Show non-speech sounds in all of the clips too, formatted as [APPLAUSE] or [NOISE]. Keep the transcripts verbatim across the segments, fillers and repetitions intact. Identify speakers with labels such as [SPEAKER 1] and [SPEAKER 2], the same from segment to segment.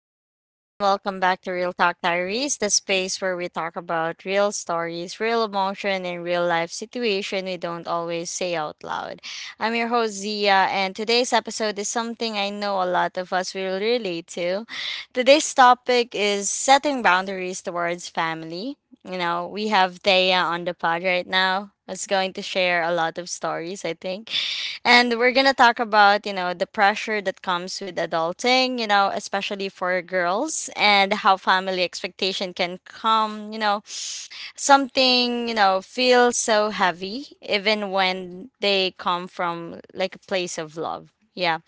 [SPEAKER 1] everyone, and welcome back to Real Talk Diaries, the space where we talk about real stories, real emotion, and real life situation we don't always say out loud. I'm your host Zia, and today's episode is something I know a lot of us will relate to. Today's topic is setting boundaries towards family. You know, we have Thea on the pod right now. Is going to share a lot of stories, I think. And we're going to talk about, you know, the pressure that comes with adulting, you know, especially for girls, and how family expectation can come, you know, something, you know, feels so heavy even when they come from like a place of love. Yeah.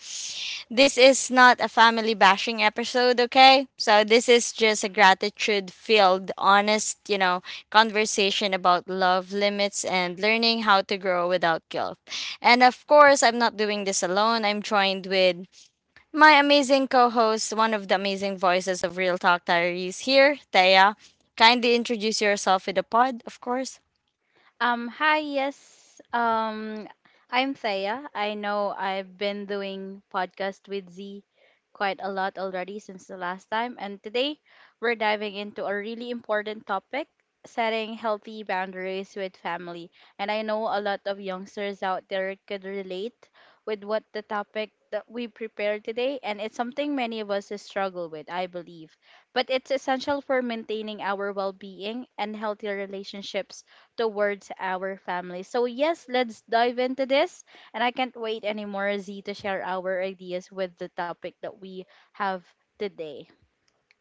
[SPEAKER 1] This is not a family bashing episode, okay? So this is just a gratitude filled, honest, you know, conversation about love, limits, and learning how to grow without guilt. And of course, I'm not doing this alone. I'm joined with my amazing co host, one of the amazing voices of Real Talk Diaries here, Thea. Kindly introduce yourself with the pod, of course.
[SPEAKER 2] Um, hi, yes. Um, I'm Thea. I know I've been doing podcast with Z quite a lot already since the last time, and today we're diving into a really important topic, setting healthy boundaries with family. And I know a lot of youngsters out there could relate with what the topic that we prepared today, and it's something many of us struggle with, I believe. But it's essential for maintaining our well-being and healthy relationships towards our family. So, yes, let's dive into this. And I can't wait anymore, Z, to share our ideas with the topic that we have today.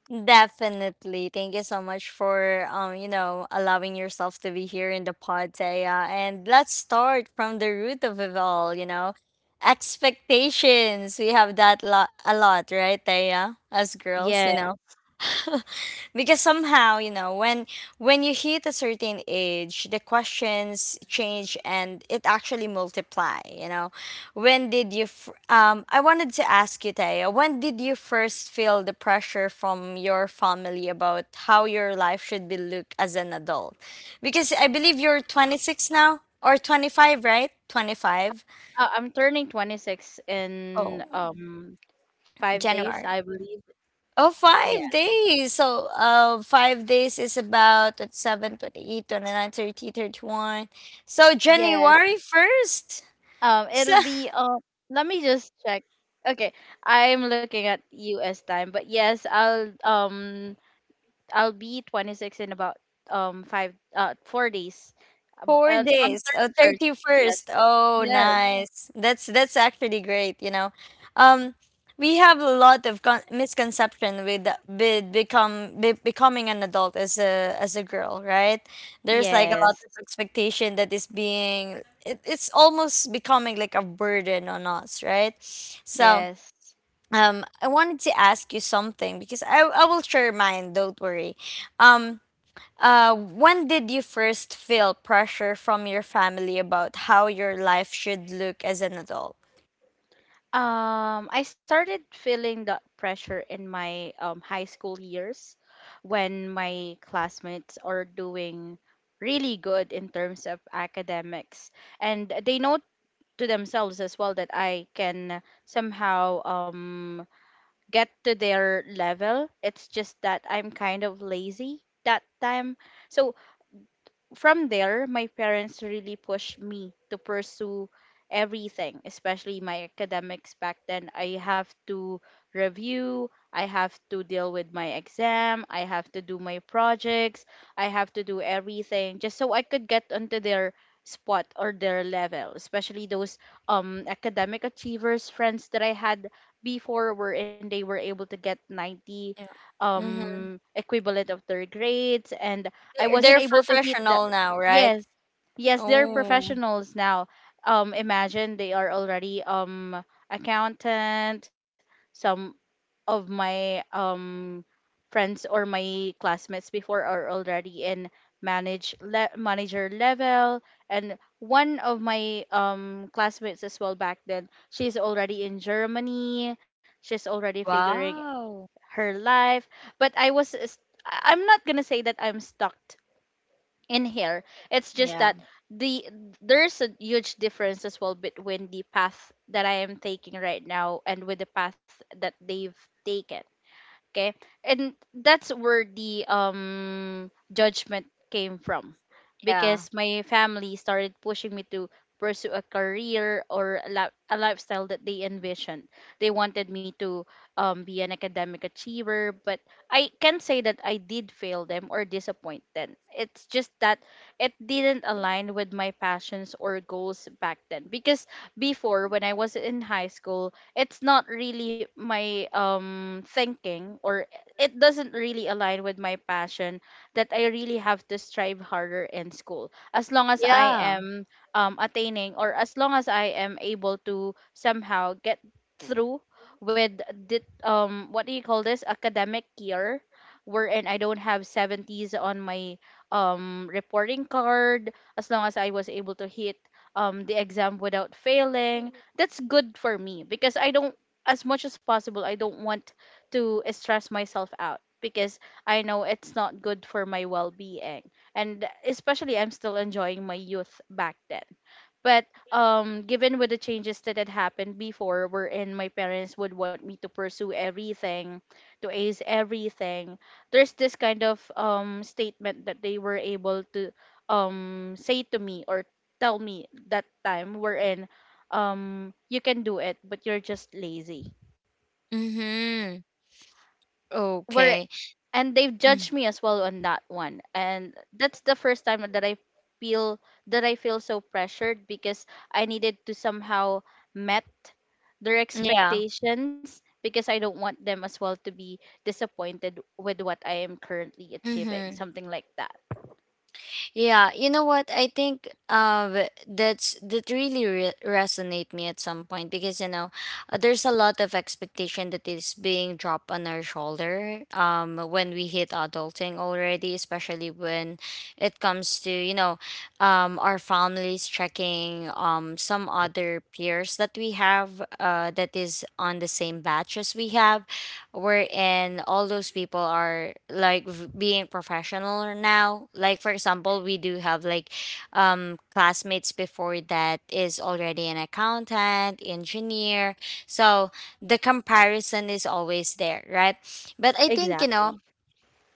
[SPEAKER 1] Definitely. Thank you so much for um, you know, allowing yourself to be here in the pod, Taya. And let's start from the root of it all, you know. Expectations. We have that lot a lot, right, Taya? As
[SPEAKER 2] Yeah,
[SPEAKER 1] girls, you know. [LAUGHS] Because somehow, you know when when you hit a certain age, the questions change, and it actually multiply. you know when did you f- um I wanted to ask you, Taya, when did you first feel the pressure from your family about how your life should be looked as an adult? Because I believe you're twenty-six now, or twenty-five, right? twenty-five.
[SPEAKER 2] uh, I'm turning twenty-six in
[SPEAKER 1] Oh,
[SPEAKER 2] um five days, I
[SPEAKER 1] January.
[SPEAKER 2] believe.
[SPEAKER 1] Oh, five
[SPEAKER 2] Yes,
[SPEAKER 1] days. So, uh, five days is about twenty-seven, twenty-eight, twenty-nine, thirty, thirty-one. So,
[SPEAKER 2] yes.
[SPEAKER 1] January first. [LAUGHS]
[SPEAKER 2] Um,
[SPEAKER 1] So,
[SPEAKER 2] it'll be um. Let me just check. Okay, I'm looking at U S time, but yes, I'll um I'll be twenty-six in about um five uh four days. Ab-
[SPEAKER 1] four
[SPEAKER 2] Uh, on
[SPEAKER 1] days. Oh,
[SPEAKER 2] thirty-first. Yes.
[SPEAKER 1] thirty-first. Oh, Mm.
[SPEAKER 2] Yes.
[SPEAKER 1] nice. That's that's actually great, you know. Um we have a lot of con- misconception with, the- with become be- becoming an adult as a as a girl, right? There's like a lot of
[SPEAKER 2] Yes.
[SPEAKER 1] expectation that is being it, it's almost becoming like a burden on us, right? So,
[SPEAKER 2] Yes.
[SPEAKER 1] um I wanted to ask you something because I I will share mine, don't worry. Um uh, when did you first feel pressure from your family about how your life should look as an adult?
[SPEAKER 2] Um, I started feeling that pressure in my um, high school years when my classmates are doing really good in terms of academics. And they know to themselves as well that I can somehow um, get to their level. It's just that I'm kind of lazy that time. So from there, my parents really pushed me to pursue everything, especially my academics back then. I have to review, I have to deal with my exam, I have to do my projects, I have to do everything just so I could get onto their spot or their level, especially those um academic achievers friends that I had before wherein they were able to get ninety
[SPEAKER 1] Yeah. Mm-hmm.
[SPEAKER 2] um equivalent of their grades, and I
[SPEAKER 1] They're,
[SPEAKER 2] wasn't
[SPEAKER 1] they're
[SPEAKER 2] able to hit the.
[SPEAKER 1] professional now, right?
[SPEAKER 2] Yes. Yes, they're
[SPEAKER 1] Oh,
[SPEAKER 2] professionals now. Um, imagine they are already um accountant. Some of my um friends or my classmates before are already in manage le manager level, and one of my um classmates as well back then, she's already in Germany. She's already figuring
[SPEAKER 1] wow.
[SPEAKER 2] her life. But I was, s- I- I'm not gonna say that I'm stuck in here, it's just
[SPEAKER 1] Yeah.
[SPEAKER 2] that the there's a huge difference as well between the path that I am taking right now and with the path that they've taken. Okay. And that's where the um judgment came from,
[SPEAKER 1] Yeah.
[SPEAKER 2] because my family started pushing me to pursue a career or a, li- a lifestyle that they envisioned. They wanted me to um, be an academic achiever, but I can say that I did fail them or disappoint them. It's just that it didn't align with my passions or goals back then, because before when I was in high school, it's not really my um thinking, or it doesn't really align with my passion that I really have to strive harder in school, as long as I
[SPEAKER 1] Yeah.
[SPEAKER 2] am um attaining, or as long as I am able to somehow get through with the um what do you call this academic year wherein I don't have seventies on my um reporting card. As long as I was able to hit um the exam without failing, that's good for me, because I don't, as much as possible I don't want to stress myself out, because I know it's not good for my well-being, and especially I'm still enjoying my youth back then. But um, given with the changes that had happened before, wherein my parents would want me to pursue everything, to ace everything, there's this kind of um statement that they were able to um say to me or tell me that time, wherein um you can do it, but you're just lazy.
[SPEAKER 1] Mm-hmm.
[SPEAKER 2] We're
[SPEAKER 1] Okay.
[SPEAKER 2] and they've
[SPEAKER 1] Mm,
[SPEAKER 2] judged me as well on that one, and that's the first time that i feel that I feel so pressured, because I needed to somehow met their
[SPEAKER 1] yeah.
[SPEAKER 2] expectations, because I don't want them as well to be disappointed with what I am currently achieving,
[SPEAKER 1] Mm-hmm.
[SPEAKER 2] something like that.
[SPEAKER 1] Yeah, you know what? I think uh that's that really re- resonate me at some point, because you know uh, there's a lot of expectation that is being dropped on our shoulder um when we hit adulting already, especially when it comes to you know um our families checking um some other peers that we have uh that is on the same batch as we have, wherein all those people are like v- being professional now. Like for example, we do have like um classmates before that is already an accountant, engineer. So the comparison is always there, right? But I think you
[SPEAKER 2] Exactly.
[SPEAKER 1] know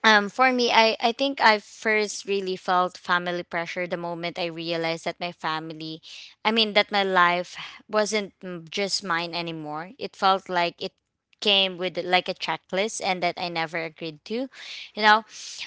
[SPEAKER 1] um, for me, I, I think I first really felt family pressure the moment I realized that my family, I mean, that my life wasn't, mm, just mine anymore. It felt like it came with like a checklist and that I never agreed to. You know,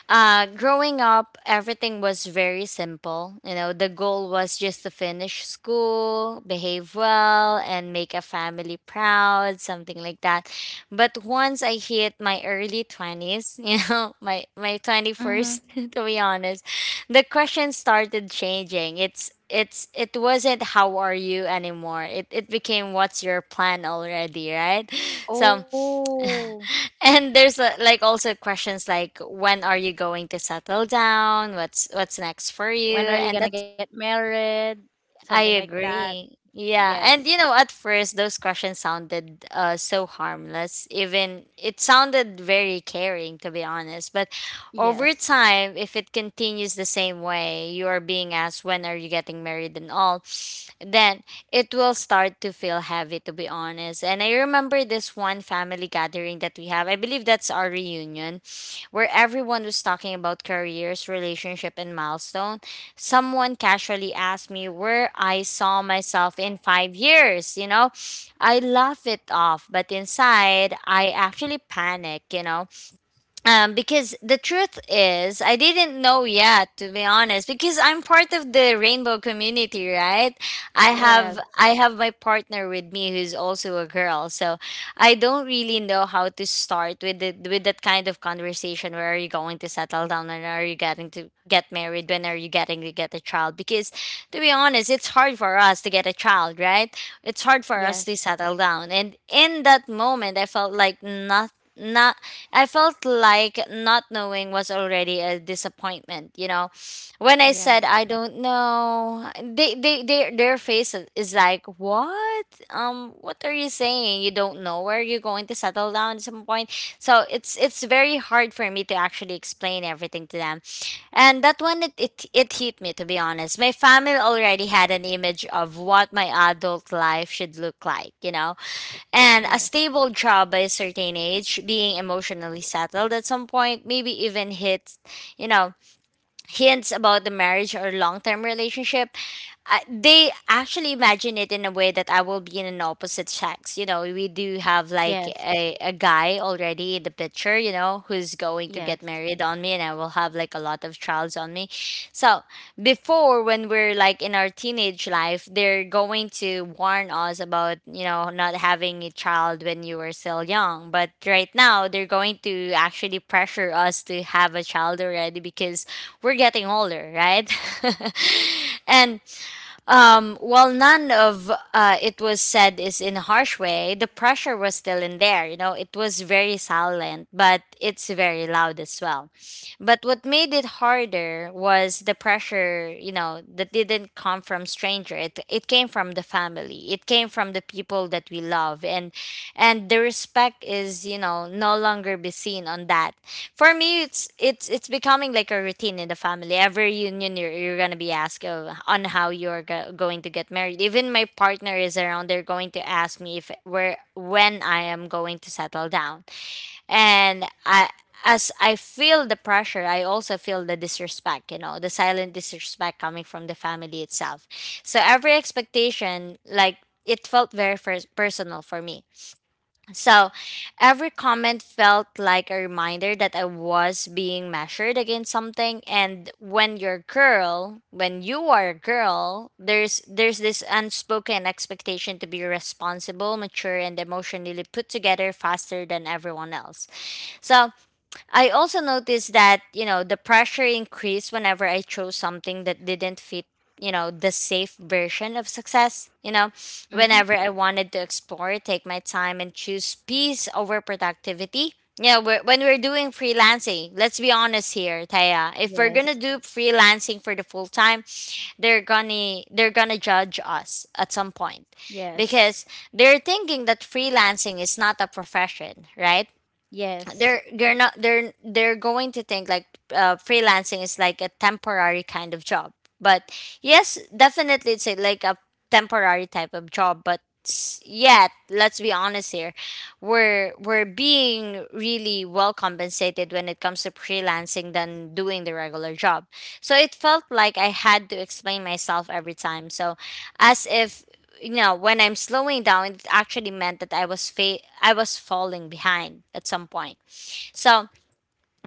[SPEAKER 1] uh, Growing up, everything was very simple. You know, the goal was just to finish school, behave well, and make a family proud, something like that. But once I hit my early twenties, [LAUGHS] you know, my, my
[SPEAKER 2] Mm-hmm.
[SPEAKER 1] twenty-first, [LAUGHS] to be honest, the question started changing. It's it's it wasn't how are you anymore. It it became what's your plan already, right? So, [LAUGHS]
[SPEAKER 2] Oh,
[SPEAKER 1] and there's uh, like also questions like when are you going to settle down, what's what's next for
[SPEAKER 2] when are
[SPEAKER 1] you,
[SPEAKER 2] you
[SPEAKER 1] and
[SPEAKER 2] gonna get
[SPEAKER 1] that.
[SPEAKER 2] married, something
[SPEAKER 1] I
[SPEAKER 2] like that.
[SPEAKER 1] agree. Yeah.
[SPEAKER 2] Yes,
[SPEAKER 1] And you know, at first those questions sounded uh so harmless. Even it sounded very caring to be honest. But over
[SPEAKER 2] yes,
[SPEAKER 1] time, if it continues the same way, you are being asked when are you getting married and all, then it will start to feel heavy to be honest. And I remember this one family gathering that we have. I believe that's our reunion where everyone was talking about careers, relationship and milestone. Someone casually asked me where I saw myself in five years, you know, I laugh it off, but inside I actually panic, you know um, because the truth is, I didn't know yet, to be honest, because I'm part of the rainbow community, right? I
[SPEAKER 2] yes,
[SPEAKER 1] have I have my partner with me who's also a girl, so I don't really know how to start with the, with that kind of conversation. Where are you going to settle down, and are you getting to get married? When are you getting to get a child? Because to be honest, it's hard for us to get a child, right? It's hard for us to
[SPEAKER 2] yes,
[SPEAKER 1] settle down, and in that moment, I felt like nothing. I felt like not knowing was already a disappointment, you know. When I
[SPEAKER 2] yes,
[SPEAKER 1] said I don't know, they they, they their face is like, "What? Um what are you saying? You don't know where you're going to settle down at some point." So it's it's very hard for me to actually explain everything to them. And that one it, it it hit me to be honest. My family already had an image of what my adult life should look like, you know And a
[SPEAKER 2] yes,
[SPEAKER 1] stable job by a certain age, being emotionally settled at some point, maybe even hit, you know, hints about the marriage or long-term relationship. Uh, they actually imagine it in a way that I will be in an opposite sex. You know we do have like
[SPEAKER 2] yes.
[SPEAKER 1] a, a guy already in the picture, you know who's going to
[SPEAKER 2] Yes.
[SPEAKER 1] get married on me, and I will have like a lot of trials on me. So before when we're like in our teenage life they're going to warn us about you know not having a child when you were still young, but right now they're going to actually pressure us to have a child already because we're getting older, right? [LAUGHS] And um, while none of uh, it was said is in a harsh way, the pressure was still in there. You know, it was very silent, but it's very loud as well. But what made it harder was the pressure, you know, that didn't come from stranger. It, it came from the family. It came from the people that we love, and and the respect is, you know, no longer be seen on that. For me, it's it's it's becoming like a routine in the family. Every reunion, you're, you're gonna be asked of, on how you're go- going to get married. Even my partner is around. They're going to ask me if where when I am going to settle down. And I, as I feel the pressure, I also feel the disrespect. You know, the silent disrespect coming from the family itself. So every expectation, like it felt very first personal for me. So every comment felt like a reminder that I was being measured against something, and when you're a girl, when you are a girl, there's there's this unspoken expectation to be responsible, mature and emotionally put together faster than everyone else. So I also noticed that, you know, the pressure increased whenever I chose something that didn't fit, you know, the safe version of success. You know,
[SPEAKER 2] Mm-hmm.
[SPEAKER 1] whenever I wanted to explore, take my time and choose peace over productivity. Yeah, we're, when we're doing freelancing, let's be honest here, Taya. If we're gonna
[SPEAKER 2] Yes.
[SPEAKER 1] do freelancing for the full time, they're gonna they're gonna judge us at some point
[SPEAKER 2] Yes.
[SPEAKER 1] because they're thinking that freelancing is not a profession, right?
[SPEAKER 2] Yes.
[SPEAKER 1] they're they're not they're they're going to think like uh, freelancing is like a temporary kind of job. But yes definitely it's a, like a temporary type of job, but s- yet let's be honest here, we're we're being really well compensated when it comes to freelancing than doing the regular job. So it felt like I had to explain myself every time, so as if you know when I'm slowing down it actually meant that i was fa- I was falling behind at some point. So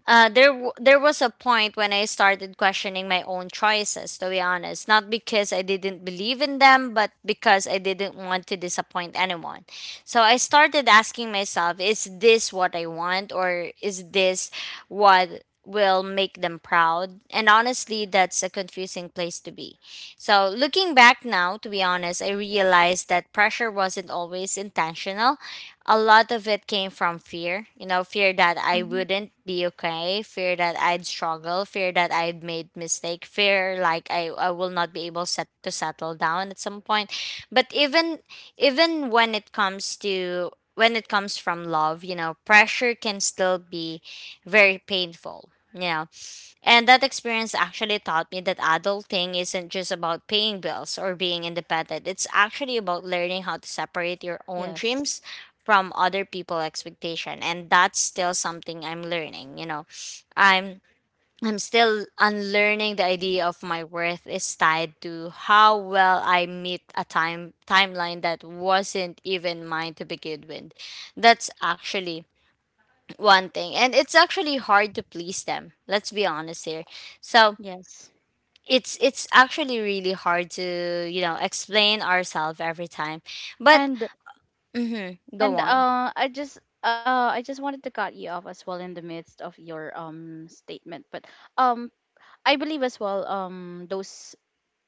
[SPEAKER 1] uh, there, w- there was a point when I started questioning my own choices. To be honest, not because I didn't believe in them, but because I didn't want to disappoint anyone. So I started asking myself, "Is this what I want, or is this what will make them proud?" And honestly, that's a confusing place to be. So looking back now, to be honest, I realized that pressure wasn't always intentional. A lot of it came from fear, you know fear that I
[SPEAKER 2] Mm-hmm.
[SPEAKER 1] wouldn't be okay, fear that I'd struggle, fear that I'd made mistake, fear like i, I will not be able set, to settle down at some point. But even even when it comes to when it comes from love, you know pressure can still be very painful, you know and that experience actually taught me that adulting isn't just about paying bills or being independent. It's actually about learning how to separate your own
[SPEAKER 2] Yes.
[SPEAKER 1] dreams from other people's expectation. And that's still something I'm learning, you know. I'm I'm still unlearning the idea of my worth is tied to how well I meet a time timeline that wasn't even mine to begin with. That's actually one thing, and it's actually hard to please them, let's be honest here. So
[SPEAKER 2] Yes.
[SPEAKER 1] it's it's actually really hard to you know explain ourselves every time. But
[SPEAKER 2] And
[SPEAKER 1] mm-hmm, go
[SPEAKER 2] and
[SPEAKER 1] on.
[SPEAKER 2] uh I just uh I just wanted to cut you off as well in the midst of your um statement. But um I believe as well, um those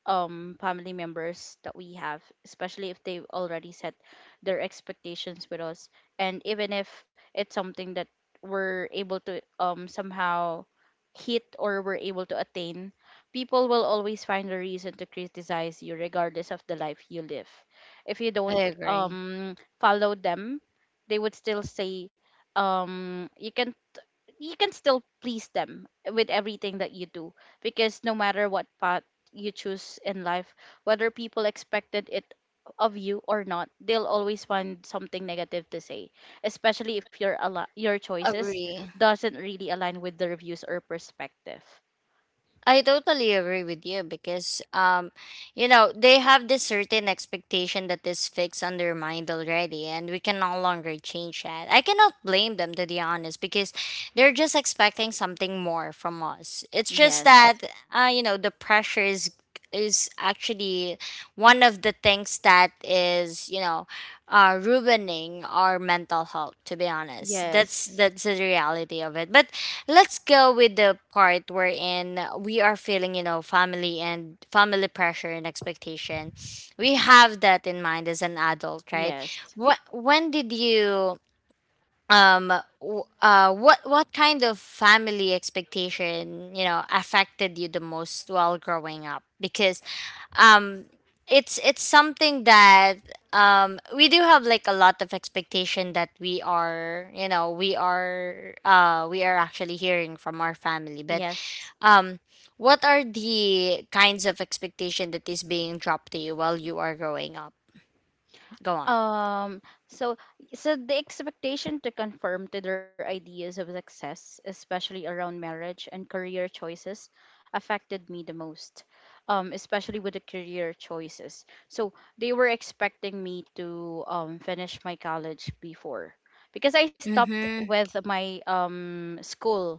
[SPEAKER 2] um family members that we have, especially if they've already set their expectations with us, and even if it's something that we're able to um somehow hit or we're able to attain, people will always find a reason to criticize you regardless of the life you live. If you don't
[SPEAKER 1] I agree.
[SPEAKER 2] um follow them, they would still say, um you can, you can still please them with everything that you do, because no matter what path you choose in life, whether people expected it of you or not, they'll always find something negative to say, especially if your al- your choices
[SPEAKER 1] Agree.
[SPEAKER 2] doesn't really align with their views or perspective.
[SPEAKER 1] I totally agree with you because um you know they have this certain expectation that is fixed on their mind already, and we can no longer change that. I cannot blame them, to be honest, because they're just expecting something more from us. It's just
[SPEAKER 2] Yes,
[SPEAKER 1] that uh you know the pressure is is actually one of the things that is you know uh ruining our mental health, to be honest. that's
[SPEAKER 2] yes,
[SPEAKER 1] that's the reality of it. But let's go with the part wherein we are feeling, you know, family and family pressure and expectation. We have that in mind as an adult, right?
[SPEAKER 2] yes,
[SPEAKER 1] What When did you um w- uh what what kind of family expectation you know affected you the most while growing up? Because um it's it's something that um we do have like a lot of expectation that we are you know we are uh we are actually hearing from our family. But
[SPEAKER 2] yes.
[SPEAKER 1] um what are the kinds of expectation that is being dropped to you while you are growing up? Go on.
[SPEAKER 2] Um, so so the expectation to conform to their ideas of success, especially around marriage and career choices, affected me the most. Um, especially with the career choices. So they were expecting me to um finish my college before, because I stopped
[SPEAKER 1] Mhm.
[SPEAKER 2] with my um school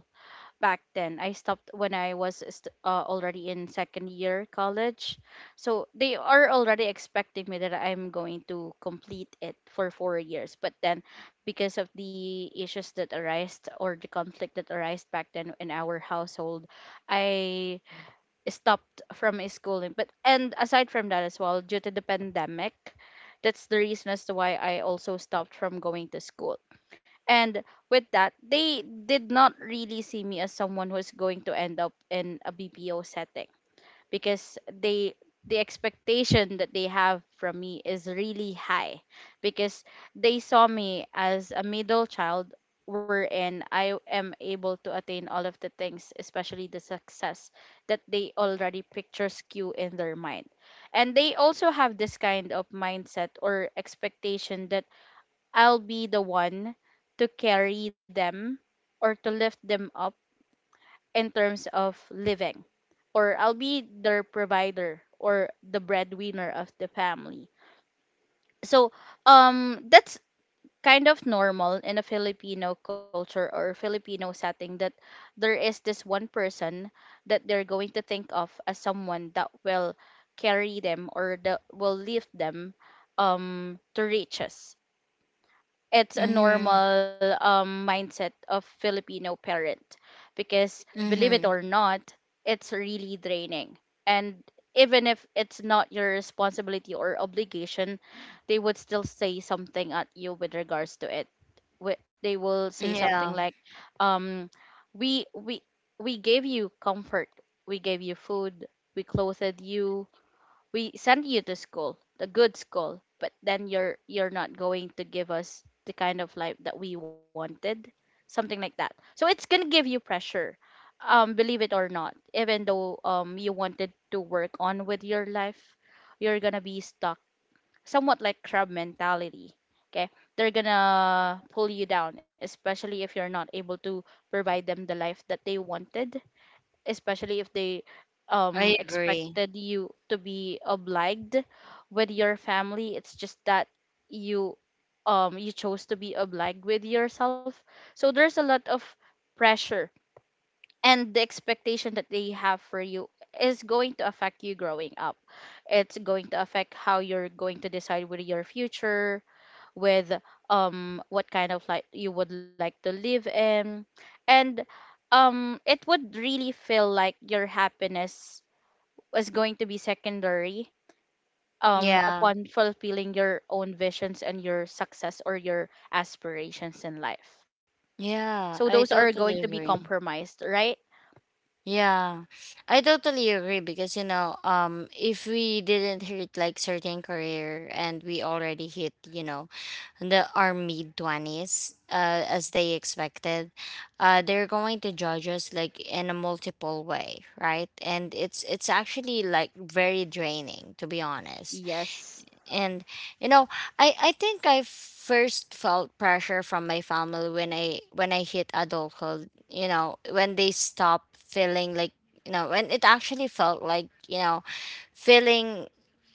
[SPEAKER 2] back then. I stopped when I was st- uh, already in second year college. So they are already expecting me that I'm going to complete it for four years. But then, because of the issues that arose or the conflict that arose back then in our household, I stopped from schooling. But and aside from that as well, due to the pandemic, that's the reason as to why I also stopped from going to school. And with that, they did not really see me as someone who's going to end up in a B P O setting, because they the expectation that they have from me is really high, because they saw me as a middle child wherein I am able to attain all of the things, especially the success that they already picture skew in their mind. And they also have this kind of mindset or expectation that I'll be the one to carry them or to lift them up in terms of living, or I'll be their provider or the breadwinner of the family. So, um, that's kind of normal in a Filipino culture or Filipino setting, that there is this one person that they're going to think of as someone that will carry them or that will lift them um to riches. It's a
[SPEAKER 1] Mhm.
[SPEAKER 2] normal um, mindset of Filipino parent, because believe it
[SPEAKER 1] Mhm.
[SPEAKER 2] or not, it's really draining. And even if it's not your responsibility or obligation, they would still say something at you with regards to it. Wh- They will say something
[SPEAKER 1] Yeah,
[SPEAKER 2] like, um, "We we we gave you comfort, we gave you food, we clothed you, we send you to school, the good school, but then you're you're not going to give us the kind of life that we wanted," something like that. So it's gonna give you pressure, um, believe it or not. Even though um you wanted to work on with your life, you're gonna be stuck, somewhat like crab mentality. Okay, they're gonna pull you down, especially if you're not able to provide them the life that they wanted, especially if they um
[SPEAKER 1] I agree.
[SPEAKER 2] expected you to be obliged with your family, it's just that you um you chose to be obliged with yourself. So there's a lot of pressure, and the expectation that they have for you is going to affect you growing up. It's going to affect how you're going to decide with your future, with um what kind of like you would like to live in. And um it would really feel like your happiness was going to be secondary um
[SPEAKER 1] Yeah.
[SPEAKER 2] upon fulfilling your own visions and your success or your aspirations in life,
[SPEAKER 1] Yeah,
[SPEAKER 2] so
[SPEAKER 1] I
[SPEAKER 2] those are
[SPEAKER 1] totally
[SPEAKER 2] going to be
[SPEAKER 1] agree.
[SPEAKER 2] compromised, right?
[SPEAKER 1] Yeah. I totally agree because you know, um if we didn't hit like certain career and we already hit, you know, the our mid twenties uh as they expected, uh they're going to judge us like in a multiple way, right? And it's it's actually like very draining, to be honest.
[SPEAKER 2] Yes,
[SPEAKER 1] And you know i i think I first felt pressure from my family when i when i hit adulthood, you know when they stopped feeling like you know when it actually felt like you know feeling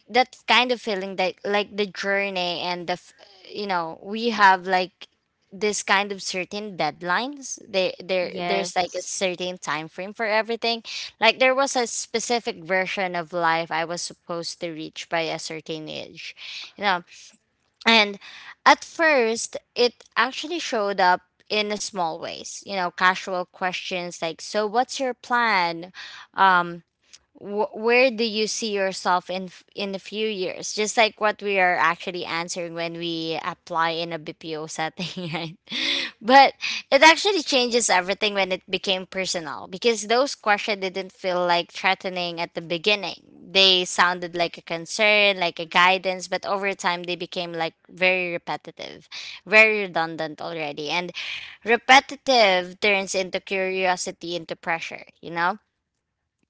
[SPEAKER 1] that kind of feeling that like the journey and the f- you know we have like this kind of certain deadlines. There there there's like a
[SPEAKER 2] yes,
[SPEAKER 1] certain time frame for everything, like there was a specific version of life I was supposed to reach by a certain age, you know and at first it actually showed up in a small ways, you know casual questions like, "So what's your plan? um wh- where do you see yourself in f- in a few years?" Just like what we are actually answering when we apply in a BPO setting [LAUGHS] right? But it actually changes everything when it became personal, because those questions didn't feel like threatening at the beginning. They sounded like a concern, like a guidance. But over time they became like very repetitive, very redundant already. And repetitive turns into curiosity into pressure, you know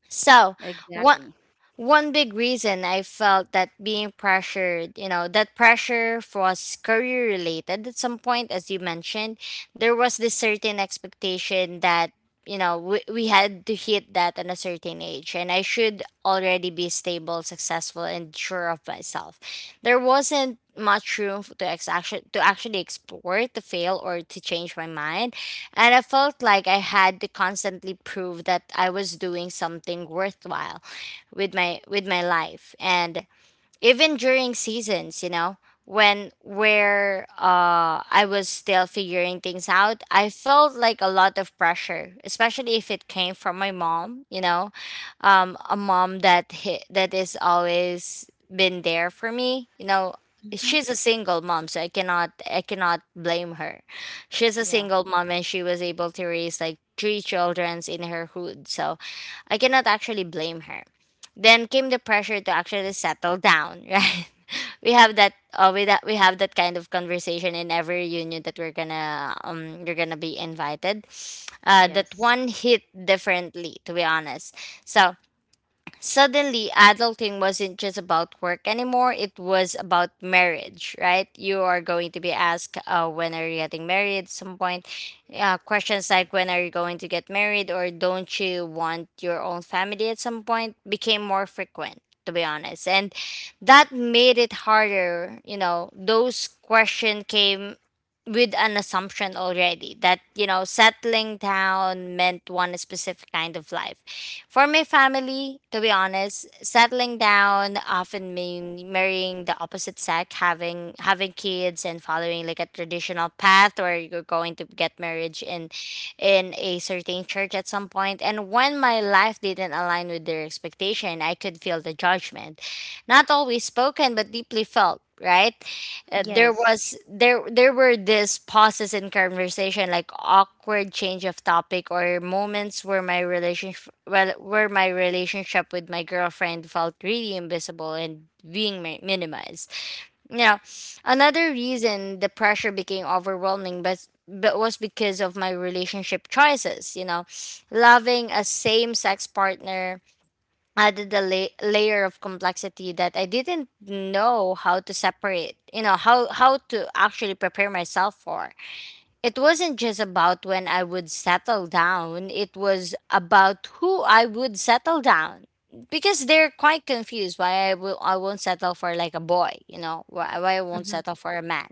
[SPEAKER 1] so what
[SPEAKER 2] exactly.
[SPEAKER 1] one big reason I felt that being pressured, you know, that pressure was career related at some point. As you mentioned, there was this certain expectation that, you know, we, we had to hit that at a certain age, and I should already be stable, successful, and sure of myself. There wasn't much room f- to ex- actu- to actually explore, to fail, or to change my mind. And I felt like I had to constantly prove that I was doing something worthwhile with my with my life. And even during seasons, you know when where uh I was still figuring things out, I felt like a lot of pressure, especially if it came from my mom, you know um A mom that hi- that is always been there for me, you know
[SPEAKER 2] Mm-hmm.
[SPEAKER 1] she's a single mom, so i cannot i cannot blame her. She's a
[SPEAKER 2] Yeah.
[SPEAKER 1] single mom and she was able to raise like three children in her hood, so I cannot actually blame her. Then came the pressure to actually settle down, [LAUGHS] right? We have that uh, we that we have that kind of conversation in every reunion that we're gonna um you're gonna be invited. Uh, that
[SPEAKER 2] Yes,
[SPEAKER 1] one hit differently, to be honest. So Suddenly, adulting wasn't just about work anymore, it was about marriage, right? You are going to be asked, uh, when are you getting married at some point? Uh, questions like, when are you going to get married, or don't you want your own family at some point, became more frequent, to be honest. And that made it harder, you know, those questions came with an assumption already that, you know, settling down meant one specific kind of life. For my family, to be honest, settling down often mean marrying the opposite sex, having having kids, and following like a traditional path where you're going to get marriage in in a certain church at some point. And when my life didn't align with their expectation, I could feel the judgment. Not always spoken but deeply felt, right? uh, there
[SPEAKER 2] yes.
[SPEAKER 1] was there there were these pauses in conversation, like awkward change of topic, or moments where my relationship, well where my relationship with my girlfriend felt really invisible and being mi- minimized. Now, another reason the pressure became overwhelming but but was because of my relationship choices, you know, loving a same sex partner, added a la- layer of complexity that I didn't know how to separate, you know, how how to actually prepare myself for. It wasn't just about when I would settle down, it was about who I would settle down. Because they're quite confused why I will I won't settle for like a boy, you know, why, why I won't
[SPEAKER 2] Mm-hmm.
[SPEAKER 1] settle for a man,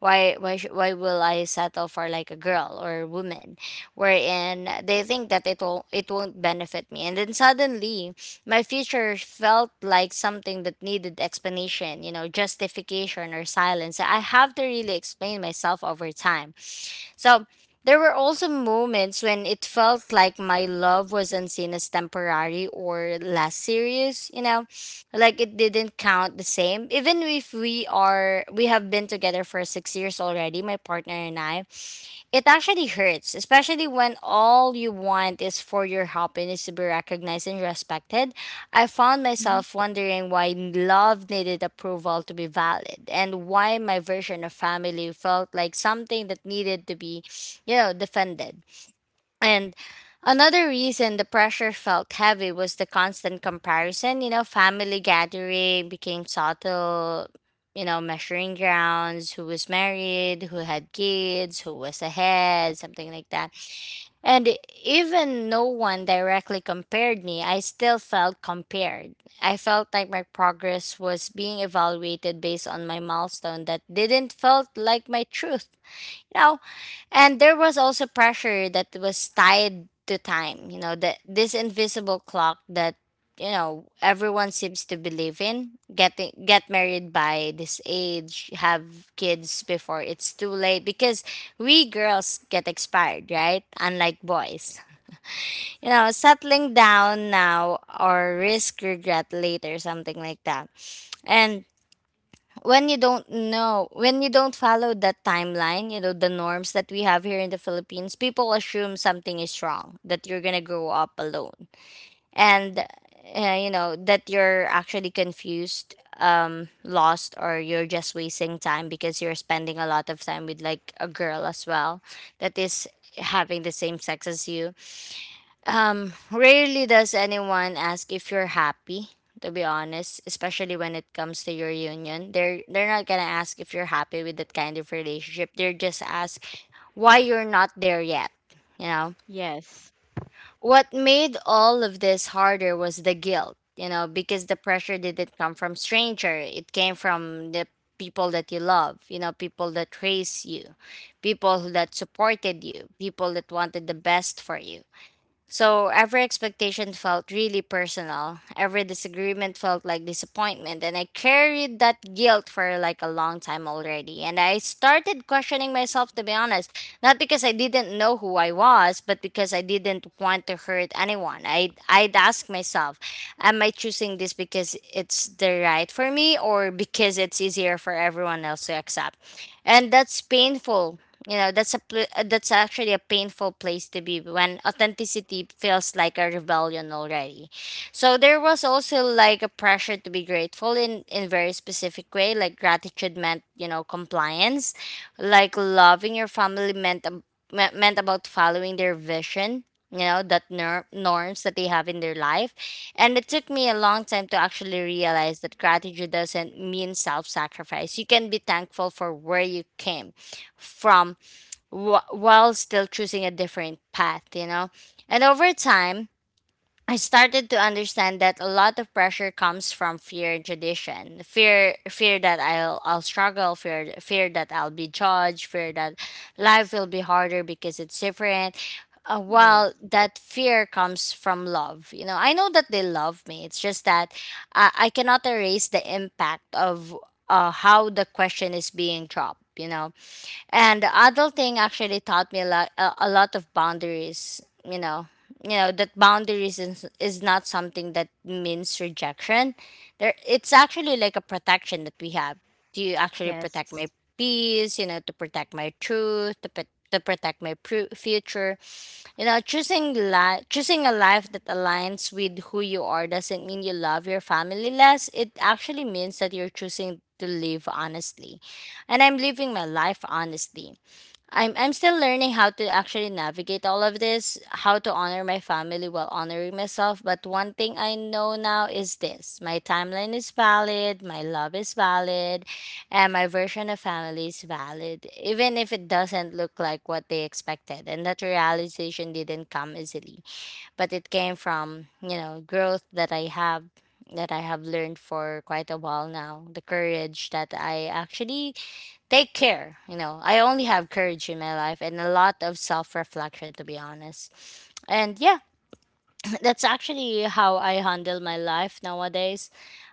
[SPEAKER 1] why why sh- why will I settle for like a girl or a woman, wherein they think that it will it won't benefit me, and then suddenly my future felt like something that needed explanation, you know, justification, or silence. I have to really explain myself over time. So there were also moments when it felt like my love was unseen as temporary or less serious, you know, like it didn't count the same. Even if we are, we have been together for six years already, my partner and I, it actually hurts, especially when all you want is for your happiness to be recognized and respected. I found
[SPEAKER 2] Mm-hmm.
[SPEAKER 1] myself wondering why love needed approval to be valid, and why my version of family felt like something that needed to be, you know, defended. And another reason the pressure felt heavy was the constant comparison. You know, family gathering became subtle, you know, measuring grounds. Who was married, who had kids, who was ahead, something like that. And even no one directly compared me, I still felt compared. I felt like my progress was being evaluated based on my milestone that didn't felt like my truth. You know. I And there was also pressure that was tied to time, you know, that this invisible clock that, you know, everyone seems to believe in. Getting get married by this age, have kids before it's too late, because we girls get expired, right? Unlike boys. [LAUGHS] You know, settling down now or risk regret later, something like that. And when you don't know when you don't follow that timeline, you know, the norms that we have here in the Philippines, people assume something is wrong, that you're gonna grow up alone. And uh, you know, that you're actually confused, um lost, or you're just wasting time, because you're spending a lot of time with like a girl as well that is having the same sex as you. Um, rarely does anyone ask if you're happy, to be honest, especially when it comes to your union. They're they're not gonna ask if you're happy with that kind of relationship. They're just ask why you're not there yet. You know?
[SPEAKER 2] Yes,
[SPEAKER 1] What made all of this harder was the guilt, you know, because the pressure didn't come from stranger. It came from the people that you love, you know, people that raised you, people that supported you, people that wanted the best for you. So every expectation felt really personal. Every disagreement felt like disappointment. And I carried that guilt for like a long time already. And I started questioning myself, to be honest. Not because I didn't know who I was, but because I didn't want to hurt anyone. I, I'd ask myself, am I choosing this because it's the right for me or because it's easier for everyone else to accept? And that's painful you know, that's a pl- uh, that's actually a painful place to be when authenticity feels like a rebellion already. So there was also like a pressure to be grateful in in very specific way. Like gratitude meant you know compliance, like loving your family meant ab- me- meant about following their vision. You know that nor- norms that they have in their life, and it took me a long time to actually realize that gratitude doesn't mean self sacrifice. You can be thankful for where you came from wh- while still choosing a different path, you know? And over time, I started to understand that a lot of pressure comes from fear and tradition. Fear fear that I'll I'll struggle, fear fear that I'll be judged, fear that life will be harder because it's different. Uh,
[SPEAKER 2] yes,
[SPEAKER 1] while that fear comes from love. You know, I know that they love me. It's just that I, I cannot erase the impact of uh, how the question is being dropped, you know. And adulting actually taught me a lot, a, a lot of boundaries, you know. You know that boundaries is, is not something that means rejection. There, it's actually like a protection that we have to actually
[SPEAKER 2] yes.
[SPEAKER 1] protect my peace, you know, to protect my truth, to, pr- to protect my pru- future. You know, choosing li- choosing a life that aligns with who you are doesn't mean you love your family less. It actually means that you're choosing to live honestly. And I'm living my life honestly. I'm I'm still learning how to actually navigate all of this, how to honor my family while honoring myself. But one thing I know now is this: my timeline is valid, my love is valid, and my version of family is valid, even if it doesn't look like what they expected. And that realization didn't come easily, but it came from, you know, growth that I have. That I have learned for quite a while now, the courage that I actually take care. You know, I only have courage in my life and a lot of self reflection, to be honest. And yeah, [CLEARS THROAT] that's actually how I handle my life nowadays.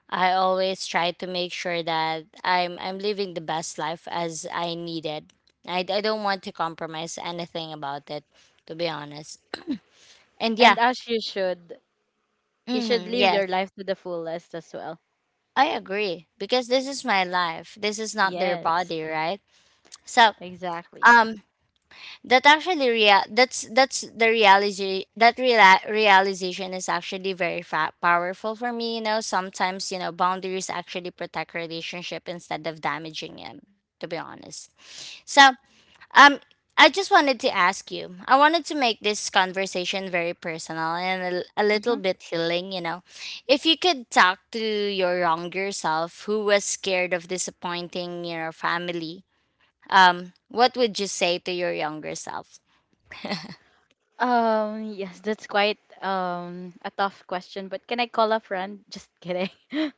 [SPEAKER 1] I always try to make sure that I'm I'm living the best life as I needed. I, I don't want to compromise anything about it, to be honest. And yeah,
[SPEAKER 2] And as you should, you should
[SPEAKER 1] hmm,
[SPEAKER 2] live
[SPEAKER 1] yes,
[SPEAKER 2] your life to the fullest as well.
[SPEAKER 1] I agree because this is my life. This is not their
[SPEAKER 2] Yes,
[SPEAKER 1] body, right? So,
[SPEAKER 2] exactly.
[SPEAKER 1] um. that actually real that's that's the reality that reala- realization is actually very fa- powerful for me, you know. Sometimes, you know, boundaries actually protect relationship instead of damaging it, to be honest. So um I just wanted to ask you, I wanted to make this conversation very personal and a a little
[SPEAKER 2] Hmm.
[SPEAKER 1] bit healing, you know. If you could talk to your younger self who was scared of disappointing your family, um what would you say to your younger self?
[SPEAKER 2] Um, yes, that's quite um a tough question, but can I call a friend? Just kidding. [LAUGHS]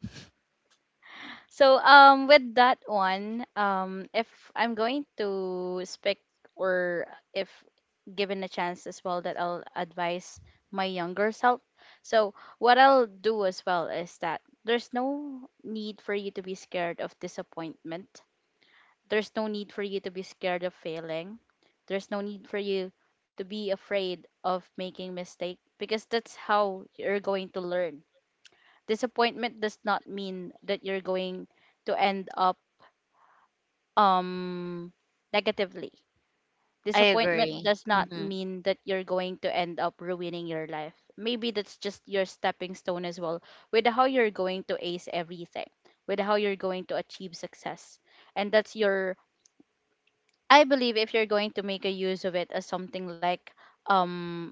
[SPEAKER 2] So, um, with that one, um, if I'm going to speak, or if given a chance as well, that I'll advise my younger self. So, what I'll do as well is that there's no need for you to be scared of disappointment. There's no need for you to be scared of failing. There's no need for you to be afraid of making mistake, because that's how you're going to learn. Disappointment does not mean that you're going to end up um negatively.
[SPEAKER 1] I
[SPEAKER 2] Disappointment
[SPEAKER 1] agree.
[SPEAKER 2] does not
[SPEAKER 1] Mhm.
[SPEAKER 2] mean that you're going to end up ruining your life. Maybe that's just your stepping stone as well with how you're going to ace everything, with how you're going to achieve success. And that's your I believe if you're going to make a use of it as something like um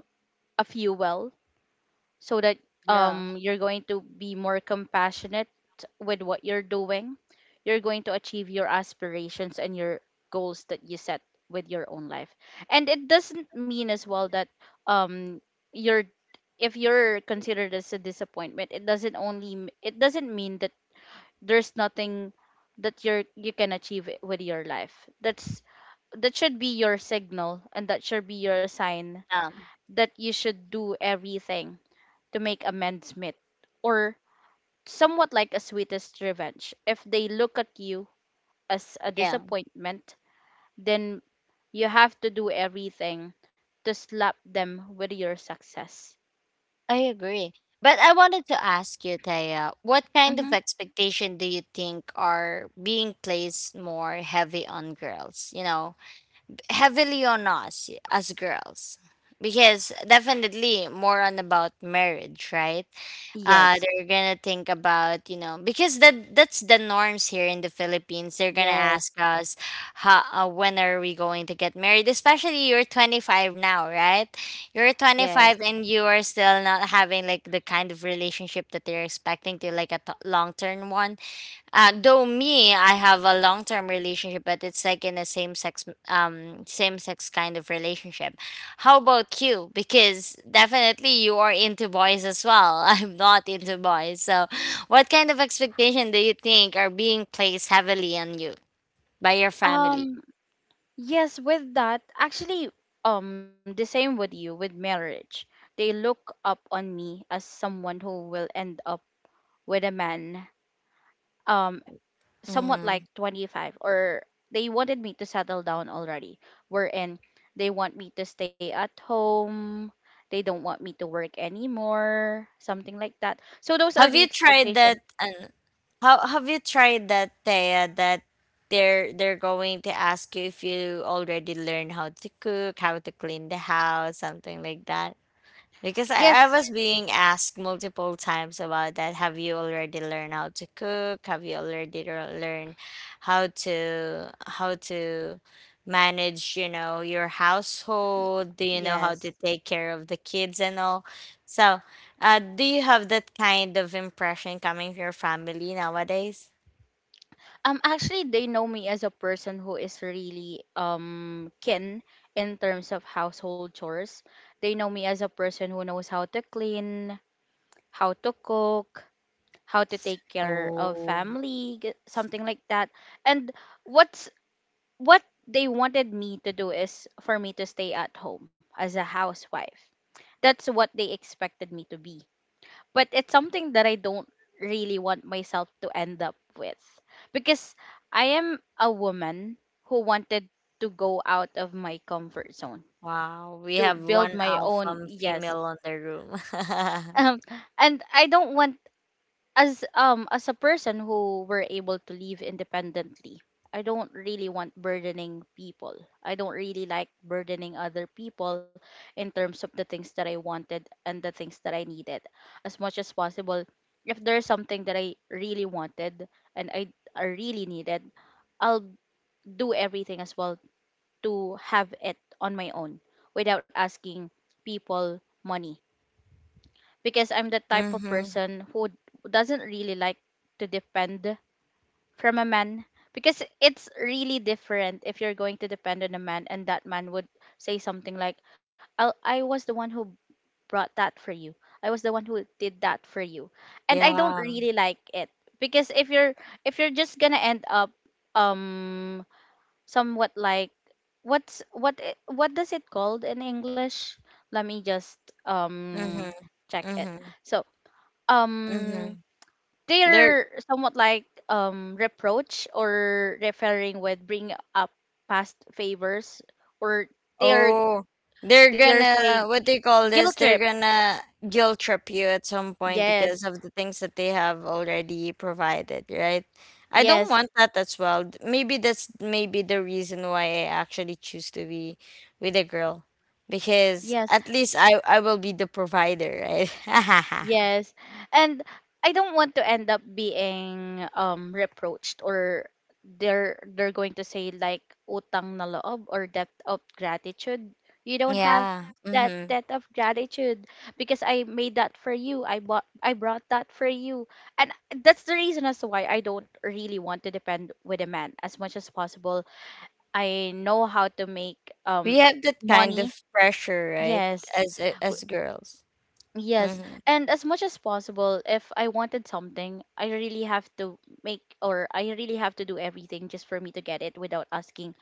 [SPEAKER 2] a fuel so that
[SPEAKER 1] Yeah.
[SPEAKER 2] um you're going to be more compassionate with what you're doing, you're going to achieve your aspirations and your goals that you set with your own life. And it doesn't mean as well that um you're if you're considered as a disappointment, it doesn't only m- it doesn't mean that there's nothing that you're you can achieve with your life. That's that should be your signal and that should be your sign
[SPEAKER 1] Um,
[SPEAKER 2] that you should do everything to make amends meet, or somewhat like a sweetest revenge. If they look at you as a
[SPEAKER 1] yeah,
[SPEAKER 2] disappointment, then you have to do everything to slap them with your success.
[SPEAKER 1] I agree. But I wanted to ask you, Taya, what kind
[SPEAKER 2] Mm-hmm.
[SPEAKER 1] of expectation do you think are being placed more heavy on girls? You know, heavily on us as girls, because definitely more on about marriage, right? Uh
[SPEAKER 2] Yes,
[SPEAKER 1] they're gonna think about, you know, because that that's the norms here in the Philippines. They're gonna
[SPEAKER 2] yes
[SPEAKER 1] ask us how, uh, when are we going to get married, especially you're twenty-five now, right? You're
[SPEAKER 2] yes
[SPEAKER 1] twenty-five and you are still not having like the kind of relationship that they're expecting to, like, a t- long-term one. Uh, though me, I have a long term relationship, but it's like in a same sex, um, same sex kind of relationship. How about you? Because definitely you are into boys as well. [LAUGHS] I'm not into boys. So, what kind of expectation do you think are being placed heavily on you by your family?
[SPEAKER 2] um Yes, with that, actually, um, the same with you, with marriage. They look up on me as someone who will end up with a man, um, somewhat
[SPEAKER 1] Mm-hmm.
[SPEAKER 2] like twenty-five, or they wanted me to settle down already. Wherein they want me to stay at home, they don't want me to work anymore, something like that. So those are
[SPEAKER 1] Have
[SPEAKER 2] the
[SPEAKER 1] you tried
[SPEAKER 2] expectations.
[SPEAKER 1] that? Uh, how have you tried that, Thea? That they're they're going to ask you if you already learned how to cook, how to clean the house, something like that. Because
[SPEAKER 2] Yes,
[SPEAKER 1] I, I was being asked multiple times about that. Have you already learned how to cook? Have you already lear- learned how to how to manage, you know, your
[SPEAKER 2] y-
[SPEAKER 1] household? Do you know how
[SPEAKER 2] yes.
[SPEAKER 1] to take care of the kids and all? So, uh, do you have that kind of impression coming from your family nowadays?
[SPEAKER 2] Um, actually, they know me as a person who is really um keen in terms of household chores. They know me as a person who knows how to clean, how to cook, how to take care of
[SPEAKER 1] Oh,
[SPEAKER 2] family, g- something like that. And what's what they wanted me to do is for me to stay at home as a housewife. That's what they expected me to be, but it's something that I don't really want myself to end up with, because I am a woman who wanted to go out of my comfort zone
[SPEAKER 1] wow.
[SPEAKER 2] to
[SPEAKER 1] We have
[SPEAKER 2] build my
[SPEAKER 1] one
[SPEAKER 2] own.
[SPEAKER 1] alpha
[SPEAKER 2] Yes.
[SPEAKER 1] female on the room. [LAUGHS]
[SPEAKER 2] [LAUGHS] um and I don't want, as um as a person who were able to live independently, I don't really want burdening people. I don't really like burdening other people in terms of the things that I wanted and the things that I needed. As much as possible, if there's something that I really wanted and i i really needed, I'll do everything as well to have it on my own without asking people money, because I'm the type of
[SPEAKER 1] Mm-hmm.
[SPEAKER 2] person who doesn't really like to depend from a man. Because it's really different if you're going to depend on a man, and that man would say something like, I'll, I was the one who brought that for you, I was the one who did that for you, and I don't
[SPEAKER 1] Yeah.
[SPEAKER 2] really like it. Because if you're if you're just gonna end up um somewhat like, what's what i- what does it called in english? Let me just um
[SPEAKER 1] Mm-hmm.
[SPEAKER 2] check it.
[SPEAKER 1] Mm-hmm.
[SPEAKER 2] So, um
[SPEAKER 1] Mm-hmm. They're,
[SPEAKER 2] they're somewhat like um reproach, or referring with bring up past favors, or they're
[SPEAKER 1] oh, they're
[SPEAKER 2] they're
[SPEAKER 1] gonna,
[SPEAKER 2] saying
[SPEAKER 1] what do you call
[SPEAKER 2] guilt
[SPEAKER 1] this?
[SPEAKER 2] trip.
[SPEAKER 1] They're gonna guilt trip you at some point because
[SPEAKER 2] Yes,
[SPEAKER 1] of the things that they have already provided, right? I don't
[SPEAKER 2] yes
[SPEAKER 1] want that as well. D- Maybe that's maybe the reason why I actually choose to be with a girl because
[SPEAKER 2] yes
[SPEAKER 1] at least I I will be the provider, right? [LAUGHS]
[SPEAKER 2] Yes. And I don't want to end up being um reproached, or they're they're going to say like utang na loob, or debt of gratitude. You don't have
[SPEAKER 1] Yeah.
[SPEAKER 2] that debt
[SPEAKER 1] Mm-hmm.
[SPEAKER 2] of gratitude because I made that for you. I bought I brought that for you. And that's the reason as to why I don't really want to depend with a man as much as possible. I know how to make
[SPEAKER 1] We
[SPEAKER 2] um
[SPEAKER 1] have that kind
[SPEAKER 2] money.
[SPEAKER 1] of pressure, right?
[SPEAKER 2] Yes.
[SPEAKER 1] As a- as girls.
[SPEAKER 2] Yes,
[SPEAKER 1] Mm-hmm.
[SPEAKER 2] and as much as possible, if I wanted something, I really have to make, or I really have to do everything just for me to get it without asking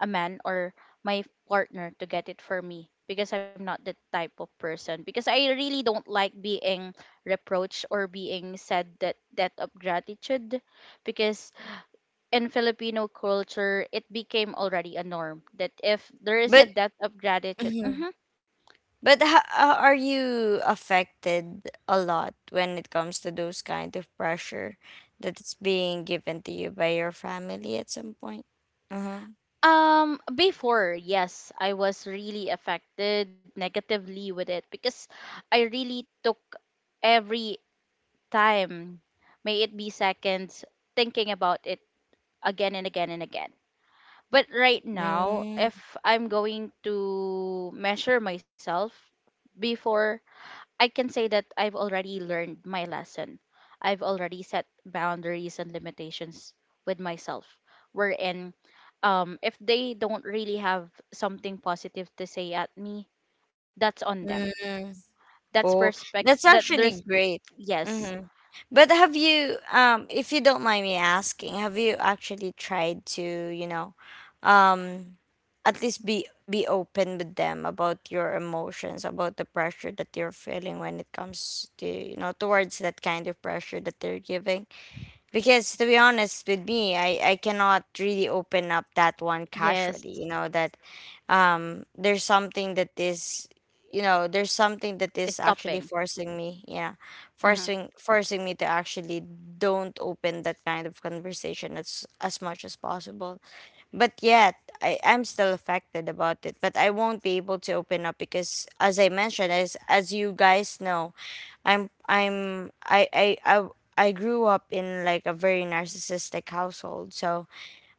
[SPEAKER 2] a man or my partner to get it for me, because I'm not that type of person, because I really don't like being reproached or being said that debt of gratitude, because in Filipino culture it became already a norm that if there is a
[SPEAKER 1] But
[SPEAKER 2] debt of gratitude.
[SPEAKER 1] mhm.
[SPEAKER 2] Mhm.
[SPEAKER 1] But ho- uh, are you affected a lot when it comes to those kind of pressure that is being given to you by your family at some point? Uh-huh.
[SPEAKER 2] Um, before, yes, I was really affected negatively with it, because I really took every time, may it be seconds, thinking about it again and again and again. But right now, if I'm going to measure myself before, I can say that I've already learned my lesson. I've already set boundaries and limitations with myself, wherein um if they don't really have something positive to say at me, that's on them,
[SPEAKER 1] Mm-hmm.
[SPEAKER 2] that's
[SPEAKER 1] Oh,
[SPEAKER 2] perspective
[SPEAKER 1] that's
[SPEAKER 2] that there's.
[SPEAKER 1] actually great.
[SPEAKER 2] Yes.
[SPEAKER 1] Mm-hmm. But have you, um, if you don't mind me asking, have you actually tried to, you know, um, at least be be open with them about your emotions, about the pressure that you're feeling when it comes to, you know, towards that kind of pressure that they're giving? Because to be honest with me, I I cannot really open up that one casually.
[SPEAKER 2] Yes,
[SPEAKER 1] You know that um there's something that is, you know, there's something that is
[SPEAKER 2] stopping.
[SPEAKER 1] actually forcing me, yeah,
[SPEAKER 2] Hmm,
[SPEAKER 1] forcing forcing me to actually don't open that kind of conversation as as much as possible. But yet i i'm still affected about it, but I won't be able to open up because, as I mentioned, as as you guys know, I'm I'm I I, I I grew up in like a very narcissistic household. So